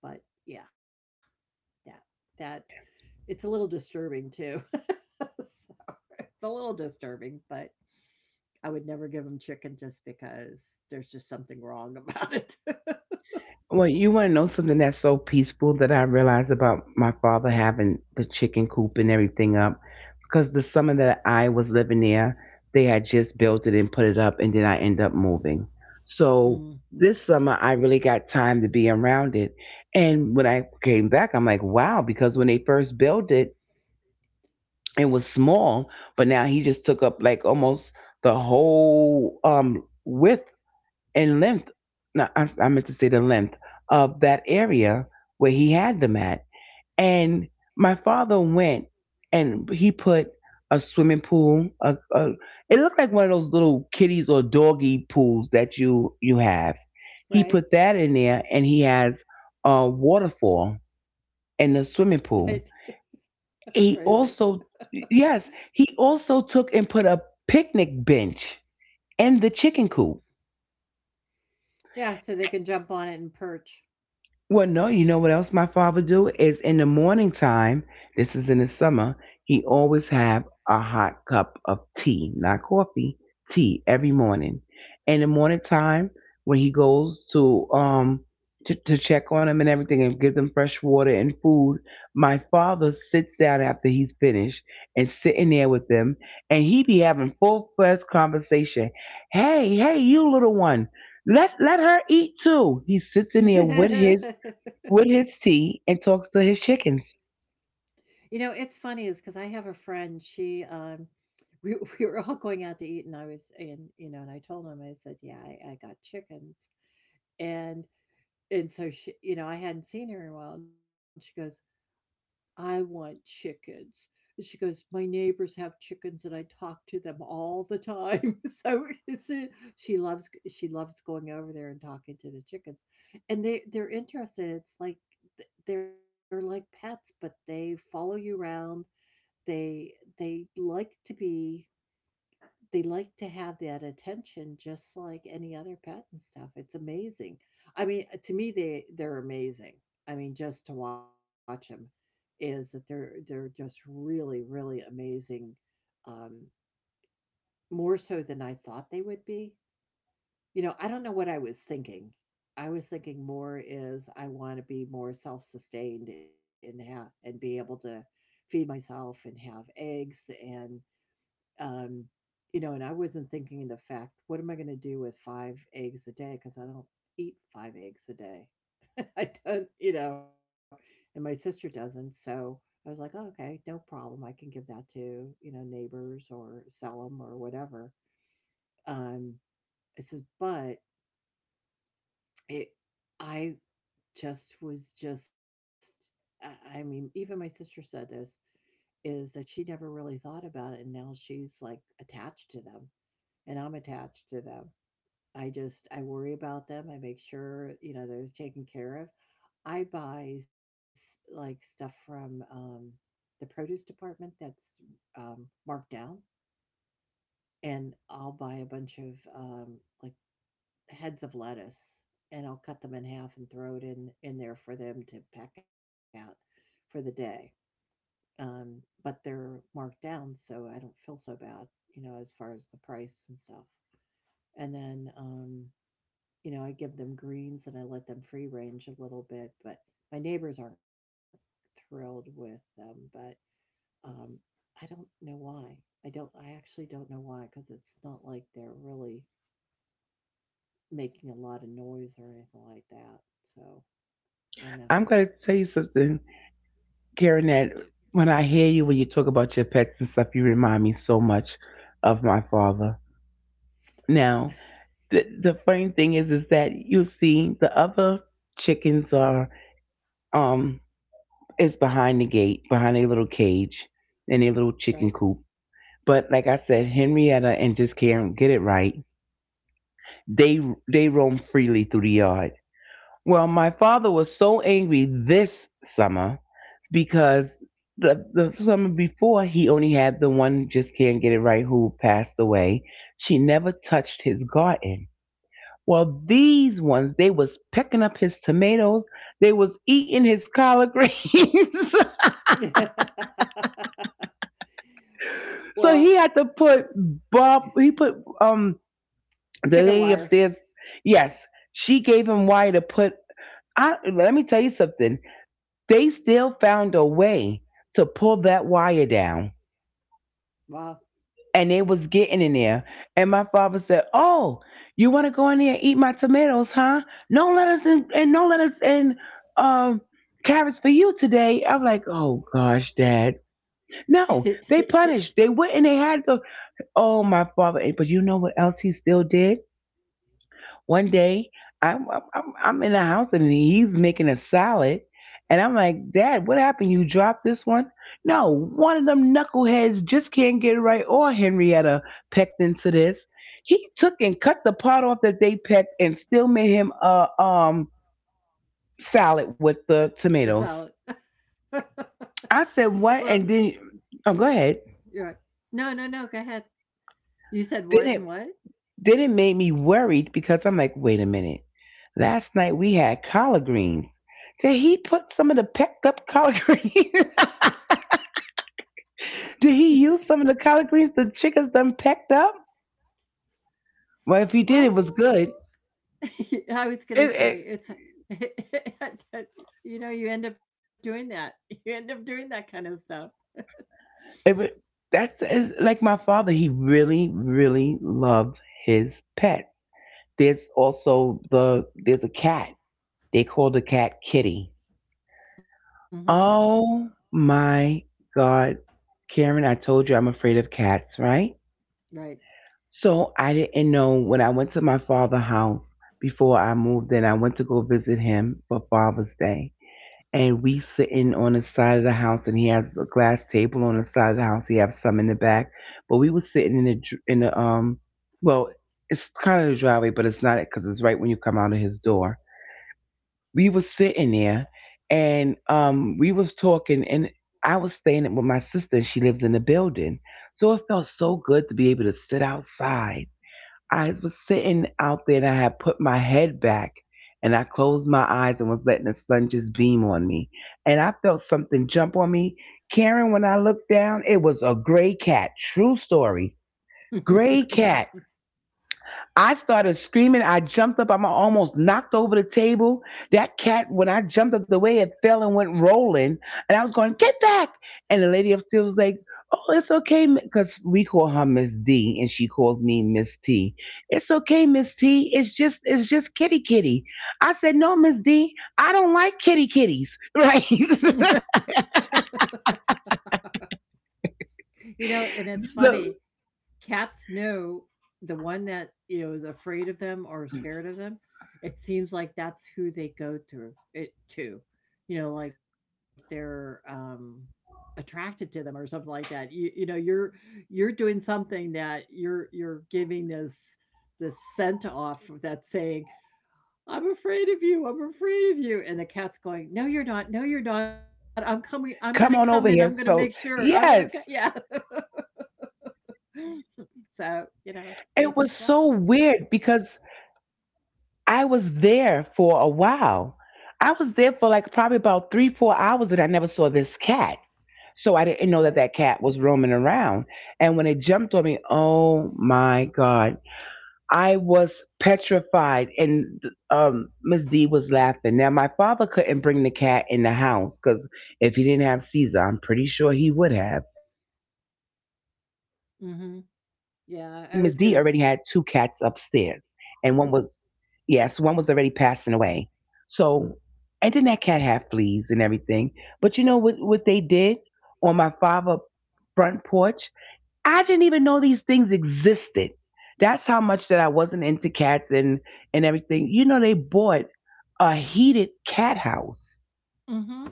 [SPEAKER 2] But yeah, that that it's a little disturbing too. It's a little disturbing, but. I would never give them chicken just because there's just something wrong about it.
[SPEAKER 1] Well, you want to know something that's so peaceful that I realized about my father having the chicken coop and everything up? Because the summer that I was living there, they had just built it and put it up, and then I end up moving. So this summer, I really got time to be around it. And when I came back, I'm like, wow, because when they first built it, it was small, but now he just took up like almost the whole um, width in length. No, I, I meant to say the length of that area where he had them at. And my father went and he put a swimming pool. A, a, it looked like one of those little kitties or doggy pools that you you have. He
[SPEAKER 2] Right?
[SPEAKER 1] put that in there, and he has a waterfall in the
[SPEAKER 2] Right.
[SPEAKER 1] swimming pool.
[SPEAKER 2] That's crazy.
[SPEAKER 1] He also, yes, he also took and put a picnic bench in the chicken coop.
[SPEAKER 2] Yeah, so they can jump on it and perch.
[SPEAKER 1] Well, no, you know what else my father do is in the morning time. This is in the summer. He always have a hot cup of tea, not coffee, tea every morning. In the morning time, when he goes to um to, to check on them and everything and give them fresh water and food, my father sits down after he's finished and sitting there with them, and he be having full fledged conversation. Hey, hey, you little one, let let her eat too. He sits in there with his with his tea and talks to his chickens.
[SPEAKER 2] You know, it's funny is because I have a friend, she, um we we were all going out to eat, and I was and, you know, and I told him, I said, "Yeah, I I got chickens." And and so she you know, I hadn't seen her in a while, and she goes, I want chickens. And she goes, My neighbors have chickens and I talk to them all the time. So it's a, she loves she loves going over there and talking to the chickens. And they they're interested. It's like they're like pets, but they follow you around. They they like to be they like to have that attention just like any other pet and stuff. It's amazing. I mean, uh, to me, they they're amazing. I mean, just to watch them is that they're they're just really really amazing. Um, more so than I thought they would be. You know, I don't know what I was thinking. I was thinking more is I want to be more self sustained and have and be able to feed myself and have eggs and um, you know, and I wasn't thinking of the fact, what am I going to do with five eggs a day? Because I don't eat five eggs a day. I don't, you know, and my sister doesn't. So I was like, oh, okay, no problem. I can give that to, you know, neighbors or sell them or whatever. Um, it says, but it, I just was just, I, I mean, even my sister said this is that she never really thought about it. And now she's like attached to them and I'm attached to them. I just I worry about them. I make sure you know they're taken care of. I buy s- like stuff from um, the produce department that's um, marked down, and I'll buy a bunch of um, like heads of lettuce, and I'll cut them in half and throw it in in there for them to pack out for the day. Um, but they're marked down, so I don't feel so bad, you know, as far as the price and stuff. And then um, you know, I give them greens and I let them free range a little bit, but my neighbors aren't thrilled with them, but um I don't know why. I don't I actually don't know why cuz it's not like they're really making a lot of noise or anything like that. So, I don't know.
[SPEAKER 1] I'm going to tell you something, Karen, that when I hear you, when you talk about your pets and stuff, you remind me so much of my father. Now, the, the funny thing is, is that you see the other chickens are, um, is behind the gate, behind a little cage and a little
[SPEAKER 2] Right?
[SPEAKER 1] chicken coop. But like I said, Henrietta and just Karen get it right. They they roam freely through the yard. Well, my father was so angry this summer because the the summer before he only had the one just can't get it right who passed away. She never touched his garden. Well, these ones they was pecking up his tomatoes. They was eating his collard greens.
[SPEAKER 2] Well,
[SPEAKER 1] So he had to put Bob. He put um the
[SPEAKER 2] chicken
[SPEAKER 1] lady
[SPEAKER 2] wire.
[SPEAKER 1] upstairs. Yes, she gave him wire to put. I let me tell you something. They still found a way to pull that wire down.
[SPEAKER 2] Wow.
[SPEAKER 1] And they was getting in there. And my father said, oh, you wanna go in there and eat my tomatoes, huh? No lettuce and, and no lettuce and um carrots for you today. I'm like, oh gosh, Dad. No, they punished. They went and they had to oh my father. But you know what else he still did? One day, I'm I'm I'm in the house and he's making a salad, and I'm like, Dad, what happened? You dropped this one? No, one of them knuckleheads just can't get it right. Or Henrietta pecked into this. He took and cut the part off that they pecked and still made him a um salad with the
[SPEAKER 2] Solid.
[SPEAKER 1] tomatoes. I said
[SPEAKER 2] Well,
[SPEAKER 1] what? And then oh, go ahead.
[SPEAKER 2] you're right. No, no, no. Go ahead. You said what and
[SPEAKER 1] Then it. Then it made me worried because I'm like, wait a minute. Last night we had collard greens. Did he put some of the pecked up collard greens?
[SPEAKER 2] what?
[SPEAKER 1] Did he use some of the collard greens the chickens done pecked up? Well, if
[SPEAKER 2] Well,
[SPEAKER 1] he did, it was good.
[SPEAKER 2] I was gonna say
[SPEAKER 1] It,
[SPEAKER 2] it's
[SPEAKER 1] it,
[SPEAKER 2] you know you end up doing that you end up doing that kind of stuff.
[SPEAKER 1] it, wa- that's it's like my father. He really, really loved his pets. There's also the there's a cat. They call the cat Kitty.
[SPEAKER 2] Hmm.
[SPEAKER 1] Oh my God, Karen! I told you I'm afraid of cats, right?
[SPEAKER 2] Right.
[SPEAKER 1] So I didn't know when I went to my father's house before I moved in, I went to go visit him for Father's Day. And we sitting on the side of the house, and he has a glass table on the side of the house. He has some in the back, but we were sitting in the dr- in the um, well, it's kind of the driveway, but it's not it because it's right when you come out of his door. We were sitting there, and um, we was talking, and I was staying with my sister, and she lives in the building, so it felt so good to be able to sit outside. I was sitting out there and I had put my head back and I closed my eyes and was letting the sun just beam on me. And I felt something jump on me. Karen, when I looked down, it was a gray cat. True story. Gray cat. I started screaming. I jumped up. I'm almost knocked over the table. That cat, when I jumped up the way, it fell and went rolling. And I was going, get back. And the lady upstairs was like, oh, it's okay. Because we call her Miss D and she calls me Miss T. It's okay, Miss T. It's just, it's just kitty kitty. I said, no, Miss D, I don't like kitty kitties. Right.
[SPEAKER 2] You know, and it's funny
[SPEAKER 1] so
[SPEAKER 2] cats know the one that you know is afraid of them or scared of them. It seems like that's who they go through it to, you know, like they're um attracted to them or something like that. You, you know you're you're doing something that you're you're giving this this scent off that's saying I'm afraid of you. I'm afraid of you. And the cat's going, No,
[SPEAKER 1] Come on
[SPEAKER 2] you're
[SPEAKER 1] over
[SPEAKER 2] not. No, you're
[SPEAKER 1] here.
[SPEAKER 2] not. I'm
[SPEAKER 1] So
[SPEAKER 2] coming. I'm going to
[SPEAKER 1] yes,
[SPEAKER 2] come in. I'm going to make sure. I'm going to, yeah. So, you
[SPEAKER 1] it was
[SPEAKER 2] know,
[SPEAKER 1] so
[SPEAKER 2] they just love
[SPEAKER 1] weird because I was there for a while. I was there for like probably about three, four hours, and I never saw this cat. So I
[SPEAKER 2] it.
[SPEAKER 1] didn't
[SPEAKER 2] Right.
[SPEAKER 1] know that that cat was roaming around. And when it jumped on me, oh my God, I was petrified. And um, Miss D was laughing. Now, my father couldn't bring the cat in the house because if he didn't have Caesar, I'm pretty sure he would have. And then Miss D already had two
[SPEAKER 2] Mm-hmm.
[SPEAKER 1] cats upstairs,
[SPEAKER 2] Yeah. I was
[SPEAKER 1] and
[SPEAKER 2] going to,
[SPEAKER 1] one was. Yes, one was already passing away. So, and then that cat had fleas and everything. But you know what, what they did on my father' front porch? I didn't even know these things existed. That's how much that I wasn't into cats and, and everything. You know, they bought a heated cat house.
[SPEAKER 2] mm-hmm.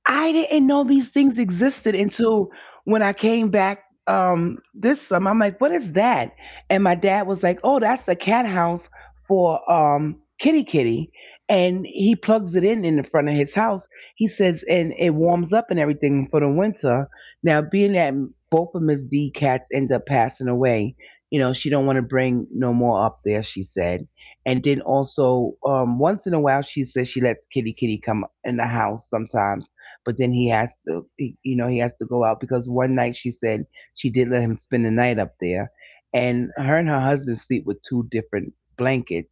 [SPEAKER 1] I didn't know these things existed until when I came back um this summer. I'm like, what is that? And my dad was like, oh, that's the cat house for um kitty kitty. And he plugs it in in the front of his house. He says, and it warms up and everything for the winter. Now, being that both of Miss D cats end up passing away, you know, she don't want to bring no more up there. She said, and then also um, once in a while, she says she lets kitty kitty come in the house sometimes but then he has to, he, you know, he has to go out because one night she said she did let him spend the night up there, and her and her husband sleep with two different blankets,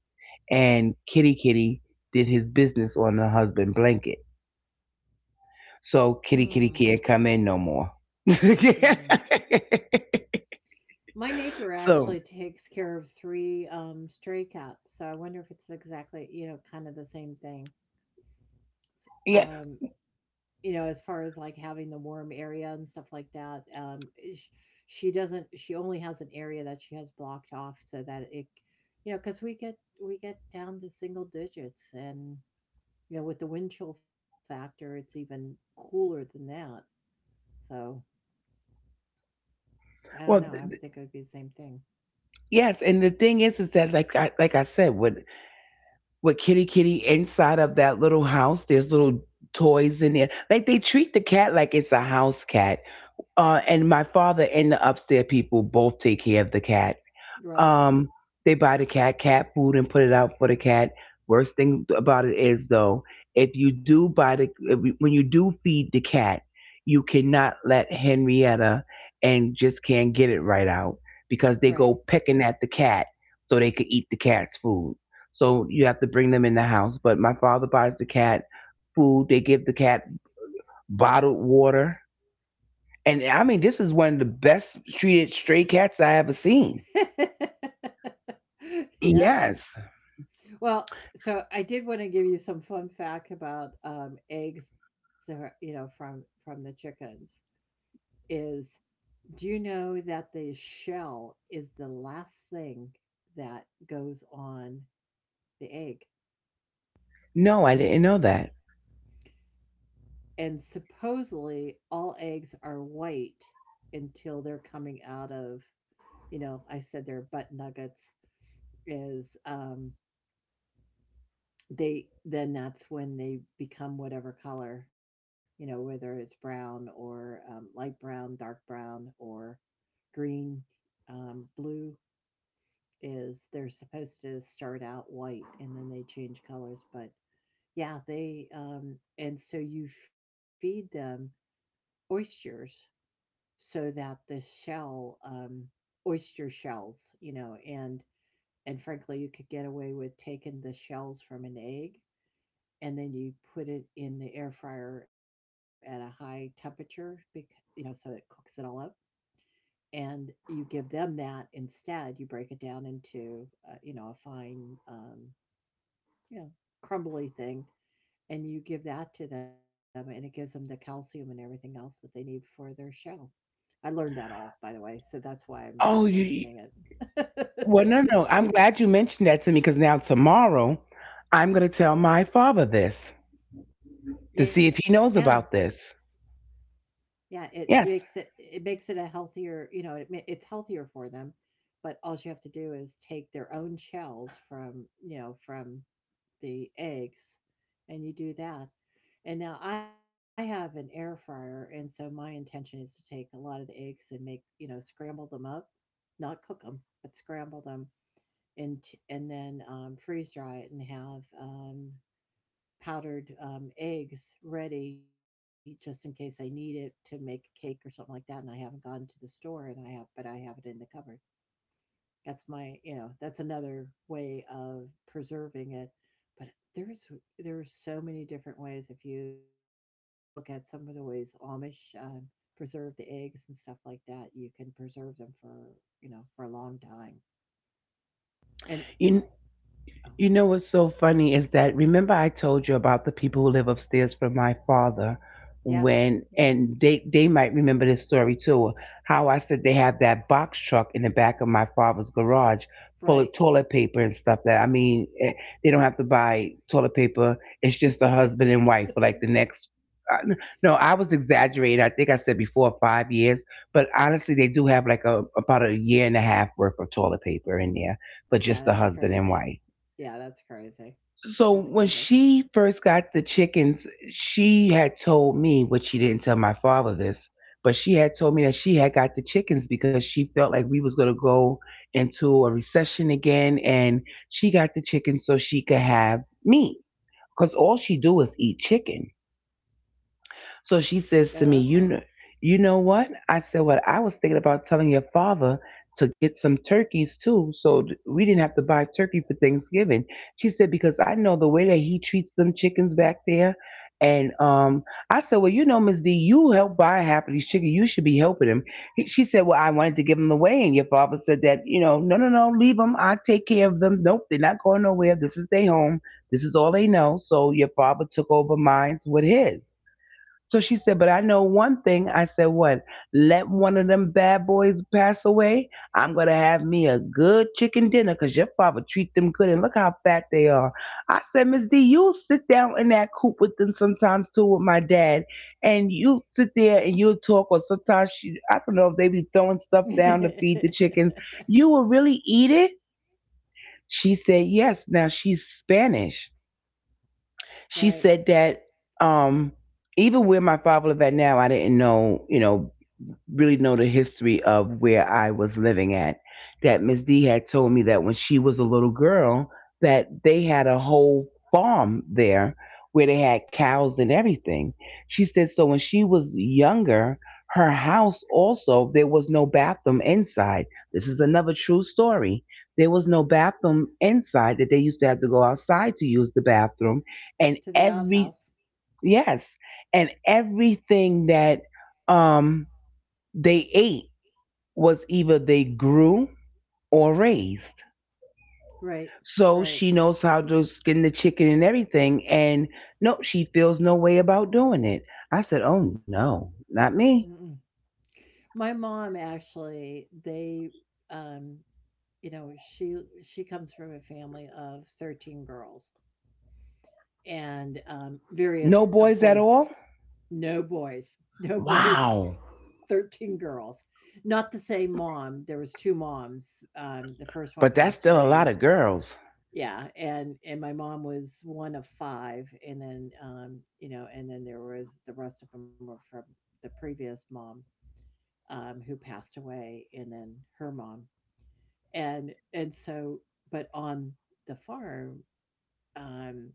[SPEAKER 1] and Kitty Kitty did his business on the husband blanket, so
[SPEAKER 2] Hmm.
[SPEAKER 1] Kitty Kitty can't come in no more.
[SPEAKER 2] Hmm. My neighbor
[SPEAKER 1] So
[SPEAKER 2] actually takes care of three um, stray cats. So I wonder if it's exactly, you know, kind of the same thing.
[SPEAKER 1] yeah,
[SPEAKER 2] um you know, as far as like having the warm area and stuff like that, um eh, sh- she doesn't, she only has an area that she has blocked off so that it, you know, because we get, we get down to single digits, and you know, with the wind chill factor, it's even cooler than that, so I don't
[SPEAKER 1] well
[SPEAKER 2] know, I would
[SPEAKER 1] th-
[SPEAKER 2] think it would be the same thing.
[SPEAKER 1] yes, and the thing is, is that like I like I said, with with Kitty Kitty inside of that little house, there's little toys in there. Like they treat the cat like it's a house cat. Uh, and my father and the upstairs people both take care of the cat.
[SPEAKER 2] Right.
[SPEAKER 1] Um, they buy the cat cat food and put it out for the cat. Worst thing about it is though, if you do buy the if you, when you do feed the cat, you cannot let Henrietta and just can't get it right out because they
[SPEAKER 2] Right.
[SPEAKER 1] go pecking at the cat so they could eat the cat's food. So you have to bring them in the house. But my father buys the cat food. They give the cat bottled water and I mean, this is one of the best treated stray cats I ever seen.
[SPEAKER 2] Yeah.
[SPEAKER 1] Yes.
[SPEAKER 2] Well, so I did want to give you some fun fact about um, eggs, that you know, from from the chickens. Is Do you know that the shell is the last thing that goes on the egg?
[SPEAKER 1] No, I didn't know that.
[SPEAKER 2] And supposedly all eggs are white until they're coming out of, you know, I said they're butt nuggets is um They then That's when they become whatever color, you know, whether it's brown or, um, light brown, dark brown, or green, um, blue, is they're supposed to start out white and then they change colors. But yeah, they, um, and so you feed them oysters so that the shell, um, oyster shells, you know, and and frankly, you could get away with taking the shells from an egg, and then you put it in the air fryer at a high temperature, you know, so it cooks it all up. And you give them that instead. You break it down into, uh, you know, a fine, um, you know, crumbly thing, and you give that to them, and it gives them the calcium and everything else that they need for their shell. I learned that all, by the way, so that's why I'm I'm
[SPEAKER 1] Oh, you.
[SPEAKER 2] mentioning
[SPEAKER 1] Well,
[SPEAKER 2] it.
[SPEAKER 1] no, no. I'm glad you mentioned that to me because now tomorrow I'm going to tell my father this to see
[SPEAKER 2] Yeah,
[SPEAKER 1] if he knows about this.
[SPEAKER 2] yeah, it makes it,
[SPEAKER 1] Yes.
[SPEAKER 2] it makes it a healthier, you know, it, ma- it's healthier for them, but all you have to do is take their own shells from, you know, from the eggs, and you do that. And now I have an air fryer, and so my intention is to take a lot of the eggs and make, you know, scramble them up, not cook them, but scramble them, and t- and then um, freeze dry it and have um, powdered um, eggs ready just in case I need it to make cake or something like that. And I haven't gone to the store, and I have, but I have it in the cupboard. That's my, you know, that's another way of preserving it. But there's there are so many different ways. If you look at some of the ways Amish um, preserve the eggs and stuff like that, you can preserve them for you know for a long time. And
[SPEAKER 1] You,
[SPEAKER 2] oh
[SPEAKER 1] You know what's so funny is that remember I told you about the people who live upstairs from my father
[SPEAKER 2] yeah, yeah,
[SPEAKER 1] when and they they might remember this story too. How I said they have that box truck in the back of my father's garage full of
[SPEAKER 2] right.
[SPEAKER 1] toilet paper and stuff that I mean eh, they don't have to buy toilet paper. It's just a husband and wife for like the next uh, n- no, I was exaggerating. I think I said before five years, but honestly, they do have like a about a year and a half worth of toilet paper in there for
[SPEAKER 2] Yeah,
[SPEAKER 1] just the
[SPEAKER 2] that's
[SPEAKER 1] husband and
[SPEAKER 2] crazy.
[SPEAKER 1] wife.
[SPEAKER 2] Yeah, that's crazy.
[SPEAKER 1] So
[SPEAKER 2] That's
[SPEAKER 1] when
[SPEAKER 2] crazy.
[SPEAKER 1] she first got the chickens, she had told me, which she didn't tell my father this, but she had told me that she had got the chickens because she felt like we was gonna go into a recession again, and she got the chickens so she could have meat. Cause all she do is eat chicken.
[SPEAKER 2] Oh,
[SPEAKER 1] So she
[SPEAKER 2] okay.
[SPEAKER 1] says to me, "You know, you know what?" I said, "What I was thinking about telling your father to get some turkeys too, so th- we didn't have to buy turkey for Thanksgiving." She said, "Because I know the way that he treats them chickens back there." And um, I said, "Well, you know, Miss D, you helped buy half of these chickens. You should be helping him." He, she said, "Well, I wanted to give them away," and your father said that, you know, no, no, no, leave them. I take care of them. Nope, they're not going nowhere. This is their home. This is all they know. So your father took over mine with his. So she said, but I know one thing. I said, what? Let one of them bad boys pass away. I'm going to have me a good chicken dinner because your father treat them good. And look how fat they are. I said, Miss D, you'll sit down in that coop with them sometimes too with my dad. And you sit there and you'll talk. Or sometimes, she, I don't know if they be throwing stuff down to feed the chickens. You will really eat it? She said, yes. Now she's Spanish. She
[SPEAKER 2] Right.
[SPEAKER 1] said that um even where my father live at now, I didn't know, you know, really know the history of where I was living at. That Miss D had told me that when she was a little girl, that they had a whole farm there where they had cows and everything. She said so when she was younger, her house also there was no bathroom inside. This is another true story. There was no bathroom inside that they used to have to go outside to use the bathroom and
[SPEAKER 2] To the
[SPEAKER 1] every
[SPEAKER 2] outhouse.
[SPEAKER 1] yes, and everything that um they ate was either they grew or raised.
[SPEAKER 2] Right.
[SPEAKER 1] So
[SPEAKER 2] Right.
[SPEAKER 1] she knows how to skin the chicken and everything. And no, she feels no way about doing it. I said, oh no, not me.
[SPEAKER 2] Mm-mm. My mom actually, they, um, you know, she she comes from a family of thirteen girls, and um, various,
[SPEAKER 1] No
[SPEAKER 2] of
[SPEAKER 1] boys at
[SPEAKER 2] course,
[SPEAKER 1] all?
[SPEAKER 2] no boys, no boys,
[SPEAKER 1] Wow.
[SPEAKER 2] thirteen girls. Not the same mom, there was two moms, um, the first one
[SPEAKER 1] But that's
[SPEAKER 2] passed
[SPEAKER 1] still a lot
[SPEAKER 2] away.
[SPEAKER 1] of girls.
[SPEAKER 2] Yeah, and and my mom was one of five, and then, um, you know, and then there was, the rest of them were from the previous mom, um, who passed away, and then her mom. And and so, but on the farm, um,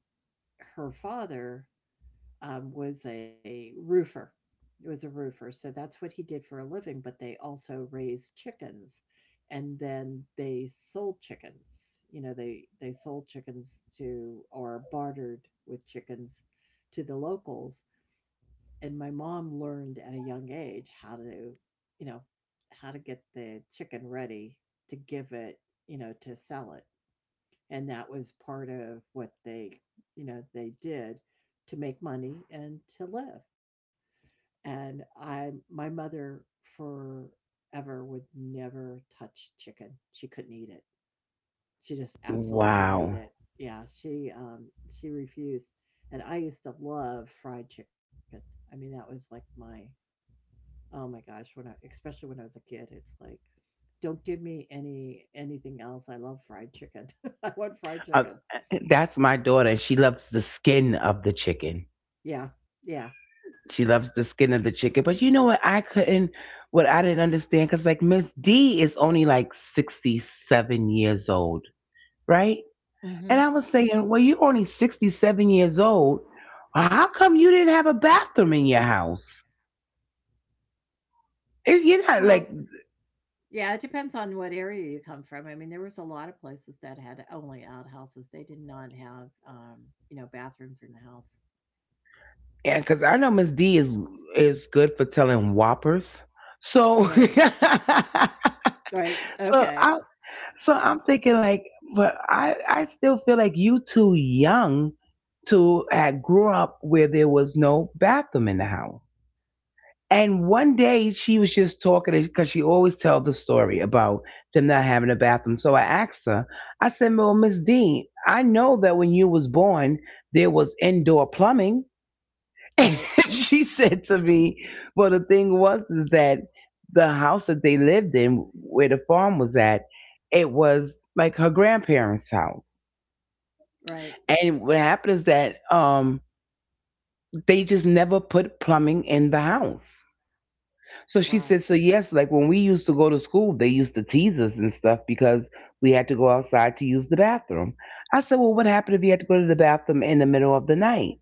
[SPEAKER 2] her father um, was a roofer. It was a roofer, so that's what he did for a living. But they also raised chickens, and then they sold chickens. You know, they they sold chickens to, or bartered with chickens to the locals. And my mom learned at a young age how to, you know, how to get the chicken ready to give it, you know, to sell it, and that was part of what they you know they did to make money and to live. And I my mother forever would never touch chicken, she couldn't eat it, she just absolutely couldn't eat
[SPEAKER 1] Wow.
[SPEAKER 2] it, yeah she um she refused. And I used to love fried chicken, I mean that was like my, oh my gosh, when I, especially when I was a kid, it's like, don't give me any anything else, I love fried chicken. I want fried
[SPEAKER 1] Uh,
[SPEAKER 2] chicken.
[SPEAKER 1] that's my daughter. She loves the skin of the chicken.
[SPEAKER 2] Yeah, yeah.
[SPEAKER 1] She loves the skin of the chicken. But you know what? I couldn't, what I didn't understand, because like Miss D is only like sixty-seven years old, right?
[SPEAKER 2] Mhm.
[SPEAKER 1] And I was saying, well, you're only sixty-seven years old. How come you didn't have a bathroom in your house? It, you're not
[SPEAKER 2] Well,
[SPEAKER 1] like,
[SPEAKER 2] yeah, it depends on what area you come from. I mean, there was a lot of places that had only outhouses. They did not have, um, you know, bathrooms in the house.
[SPEAKER 1] yeah, because I know Miss D is is good for telling whoppers.
[SPEAKER 2] Right.
[SPEAKER 1] So,
[SPEAKER 2] Right.
[SPEAKER 1] so
[SPEAKER 2] Okay.
[SPEAKER 1] I so I'm thinking like, but I I still feel like you too young to have grew up where there was no bathroom in the house. And one day she was just talking because she always tell the story about them not having a bathroom. So I asked her, I said, well, Miss Dean, I know that when you was born, there was indoor plumbing. And
[SPEAKER 2] Right.
[SPEAKER 1] she said to me, well, the thing was is that the house that they lived in, where the farm was at, it was like her grandparents' house.
[SPEAKER 2] Right.
[SPEAKER 1] And what happened is that um, they just never put plumbing in the house.
[SPEAKER 2] Wow.
[SPEAKER 1] So she says, so yes, like when we used to go to school, they used to tease us and stuff because we had to go outside to use the bathroom. I said, well, what happened if you had to go to the bathroom in the middle of the night?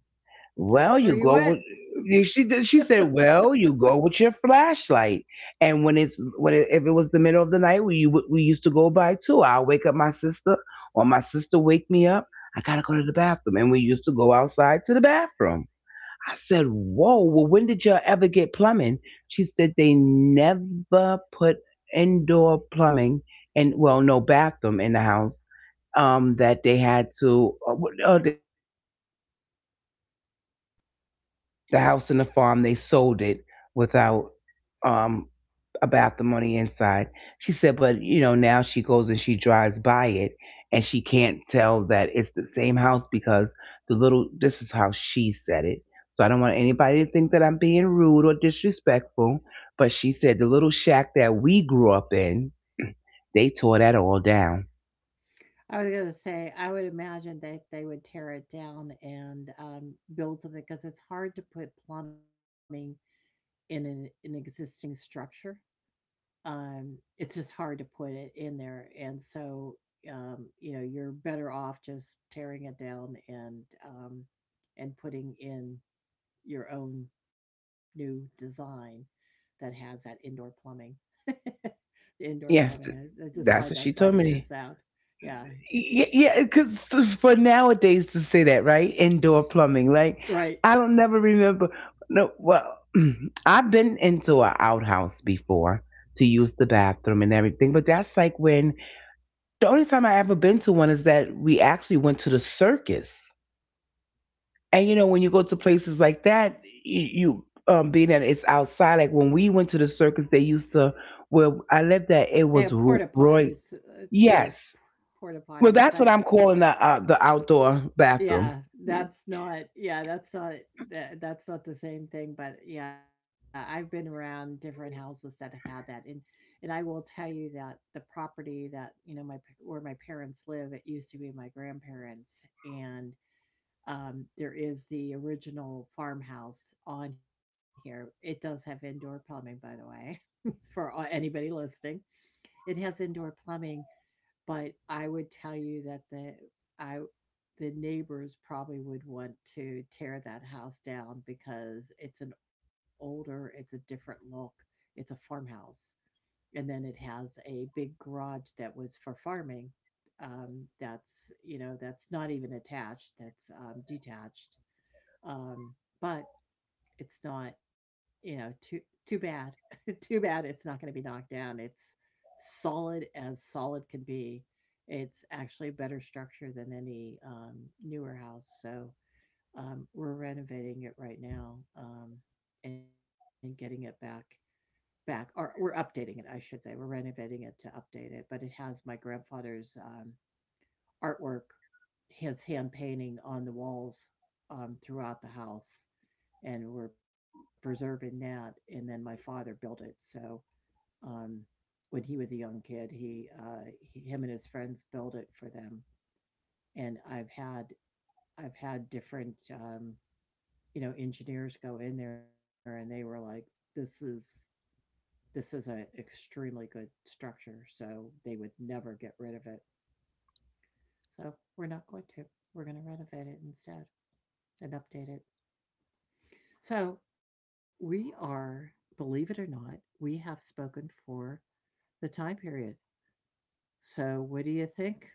[SPEAKER 1] Well,
[SPEAKER 2] That's where
[SPEAKER 1] you
[SPEAKER 2] you
[SPEAKER 1] go
[SPEAKER 2] went.
[SPEAKER 1] with.
[SPEAKER 2] I
[SPEAKER 1] She did- she said, "Well, you go with your flashlight, and when it's when it, if it was the middle of the night, we would- we used to go by too. I'll wake up my sister, or my sister wake me up. I gotta go to the bathroom, and we used to go outside to the bathroom. I said, whoa, well, when did y'all ever get plumbing? She said they never put indoor plumbing and, well, no bathroom in the house. Um, that they had to, uh, uh, they sold the um farm like that. The house and the farm, they sold it without um about the money inside. She said, but you know, now she goes and she drives by it and she can't tell that it's the same house because the little, this is how she said it. So I don't want anybody to think that I'm being rude or disrespectful, but she said the little shack that we grew up in, they tore that all down.
[SPEAKER 2] was gonna say, I would imagine that they would tear it down and um, build something, because it's hard to put plumbing in an, an existing structure. Um, it's just hard to put it in there, and so, um, you know, you're better off just tearing it down and, um, and putting in your own new design that has that indoor plumbing. The indoor
[SPEAKER 1] Yes,
[SPEAKER 2] plumbing, I, I just find
[SPEAKER 1] that's what
[SPEAKER 2] that
[SPEAKER 1] she told
[SPEAKER 2] funny, the
[SPEAKER 1] me.
[SPEAKER 2] sound. Yeah,
[SPEAKER 1] Yeah, yeah, because for nowadays to say that, right? Indoor plumbing. Like,
[SPEAKER 2] right.
[SPEAKER 1] I don't never remember. No, well, I've been into an outhouse before to use the bathroom and everything, but that's like when the only time I ever been to one is that we actually went to the circus. And you know, when you go to places like that, you, you um, being that it's outside, like when we went to the circus, they used to, where I lived at,
[SPEAKER 2] They
[SPEAKER 1] it
[SPEAKER 2] have
[SPEAKER 1] was
[SPEAKER 2] porta
[SPEAKER 1] Ro-
[SPEAKER 2] potties,
[SPEAKER 1] Roy.
[SPEAKER 2] uh, too,
[SPEAKER 1] Yes.
[SPEAKER 2] porta
[SPEAKER 1] Well,
[SPEAKER 2] potties,
[SPEAKER 1] that's
[SPEAKER 2] but
[SPEAKER 1] what I'm calling the uh, the outdoor bathroom.
[SPEAKER 2] yeah,
[SPEAKER 1] Mm.
[SPEAKER 2] that's not, yeah, that's not, that that's not the same thing. But yeah, I've been around different houses that have had that, and and I will tell you that the property that, you know, my p- where my parents live, it used to be my grandparents, and um there is the original farmhouse on here. It does have indoor plumbing, by the way, for all- anybody listening. It has indoor plumbing, but I would tell you that the I the neighbors probably would want to tear that house down, because it's an older, it's a different look. It's a farmhouse. And then it has a big garage that was for farming. Um, that's, you know, that's not even attached, that's um, detached. Um, but it's not, you know, too too bad. Too bad it's not going to be knocked down. It's solid as solid can be. It's actually better structure than any um, newer house. So um, we're renovating it right now um, and getting it back, back or we're updating it, I should say, we're renovating it to update it. But it has my grandfather's um, artwork, his hand painting on the walls, um, throughout the house, and we're preserving that. And then my father built it. So um, when he was a young kid, he, uh, he him and his friends built it for them. And I've had I've had different um, you know engineers go in there, and they were like, "This is, this is an extremely good structure," so they would never get rid of it. So we're not going to. We're going to renovate it instead and update it. So we are, believe it or not, we have spoken for the time period. So, what do you think?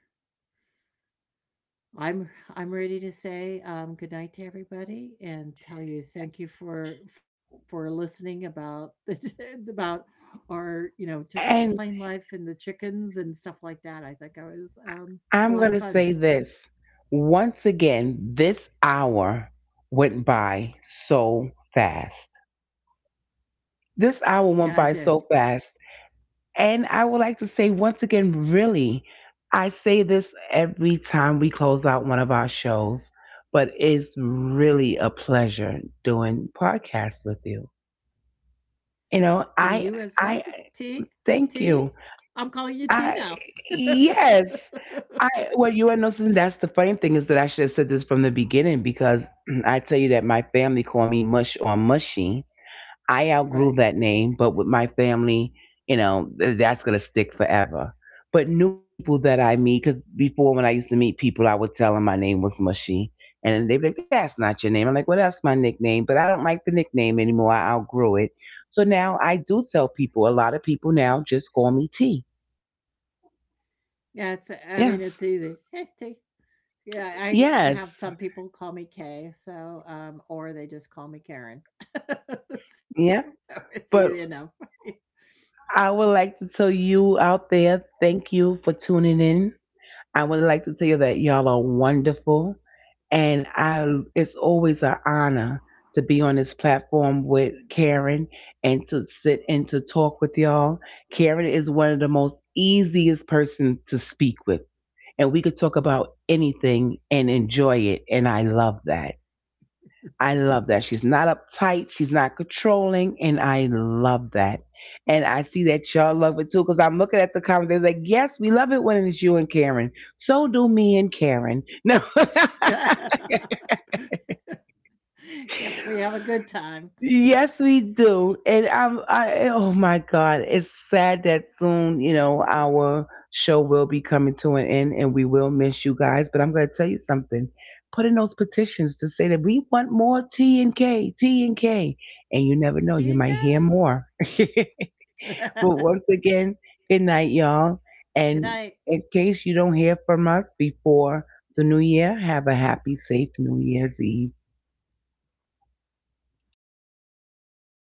[SPEAKER 2] I'm I'm ready to say um, good night to everybody and tell you thank you for for listening about the about our you know just plain
[SPEAKER 1] And
[SPEAKER 2] life and the chickens and stuff like that. I think I was um, a
[SPEAKER 1] I'm
[SPEAKER 2] lot
[SPEAKER 1] going
[SPEAKER 2] of
[SPEAKER 1] to
[SPEAKER 2] fun.
[SPEAKER 1] say this once again, this hour went by so fast. This
[SPEAKER 2] Yeah, I
[SPEAKER 1] hour went
[SPEAKER 2] did,
[SPEAKER 1] by so fast. And I would like to say once again, really, I say this every time we close out one of our shows, but it's really a pleasure doing podcasts with you. You
[SPEAKER 2] and
[SPEAKER 1] know,
[SPEAKER 2] you as
[SPEAKER 1] I
[SPEAKER 2] well.
[SPEAKER 1] I
[SPEAKER 2] T T,
[SPEAKER 1] thank you.
[SPEAKER 2] I'm calling you T now.
[SPEAKER 1] I yes. I well you are noticing that's the funny thing is that I should have said this from the beginning because I tell you that my family call me mush or mushy.
[SPEAKER 2] Right?
[SPEAKER 1] I outgrew that name, but with my family, you know, th- that's going to stick forever. But new people that I meet, because before when I used to meet people, I would tell them my name was Mushy. And they'd be like, that's not your name. I'm like, well, that's my nickname, but I don't like the nickname anymore. I outgrew it. So now I do tell people, a lot of people now just call me T.
[SPEAKER 2] Yeah, it's, I
[SPEAKER 1] Yes.
[SPEAKER 2] mean it's easy. Hey T. Yeah, I
[SPEAKER 1] Yes.
[SPEAKER 2] have some people call me Kay, so, um, or they just call me Karen. So
[SPEAKER 1] Yeah.
[SPEAKER 2] it's easy enough.
[SPEAKER 1] But I would like to tell you out there, thank you for tuning in. I would like to tell you that y'all are wonderful. And I It's always an honor to be on this platform with Karen and to sit and to talk with y'all. Karen is one of the most easiest person to speak with, and we could talk about anything and enjoy it, and I love that. I love that. She's not uptight, she's not controlling, and I love that. And I see that y'all love it too, because I'm looking at the comments. They're like, yes, we love it when it's you and Karen. So do me and Karen. No.
[SPEAKER 2] Yep, we have a good time.
[SPEAKER 1] Yes, we do. And I'm, I, oh my God, it's sad that soon, you know, our show will be coming to an end and we will miss you guys. But I'm going to tell you something. Put in those petitions to say that we want more T and K, T and K. And
[SPEAKER 2] See
[SPEAKER 1] you
[SPEAKER 2] you,
[SPEAKER 1] never know, you might hear more. But
[SPEAKER 2] Kay.
[SPEAKER 1] once again, good night, y'all.
[SPEAKER 2] Good
[SPEAKER 1] And
[SPEAKER 2] night.
[SPEAKER 1] in case you don't hear from us before the new year, have a happy, safe New Year's Eve.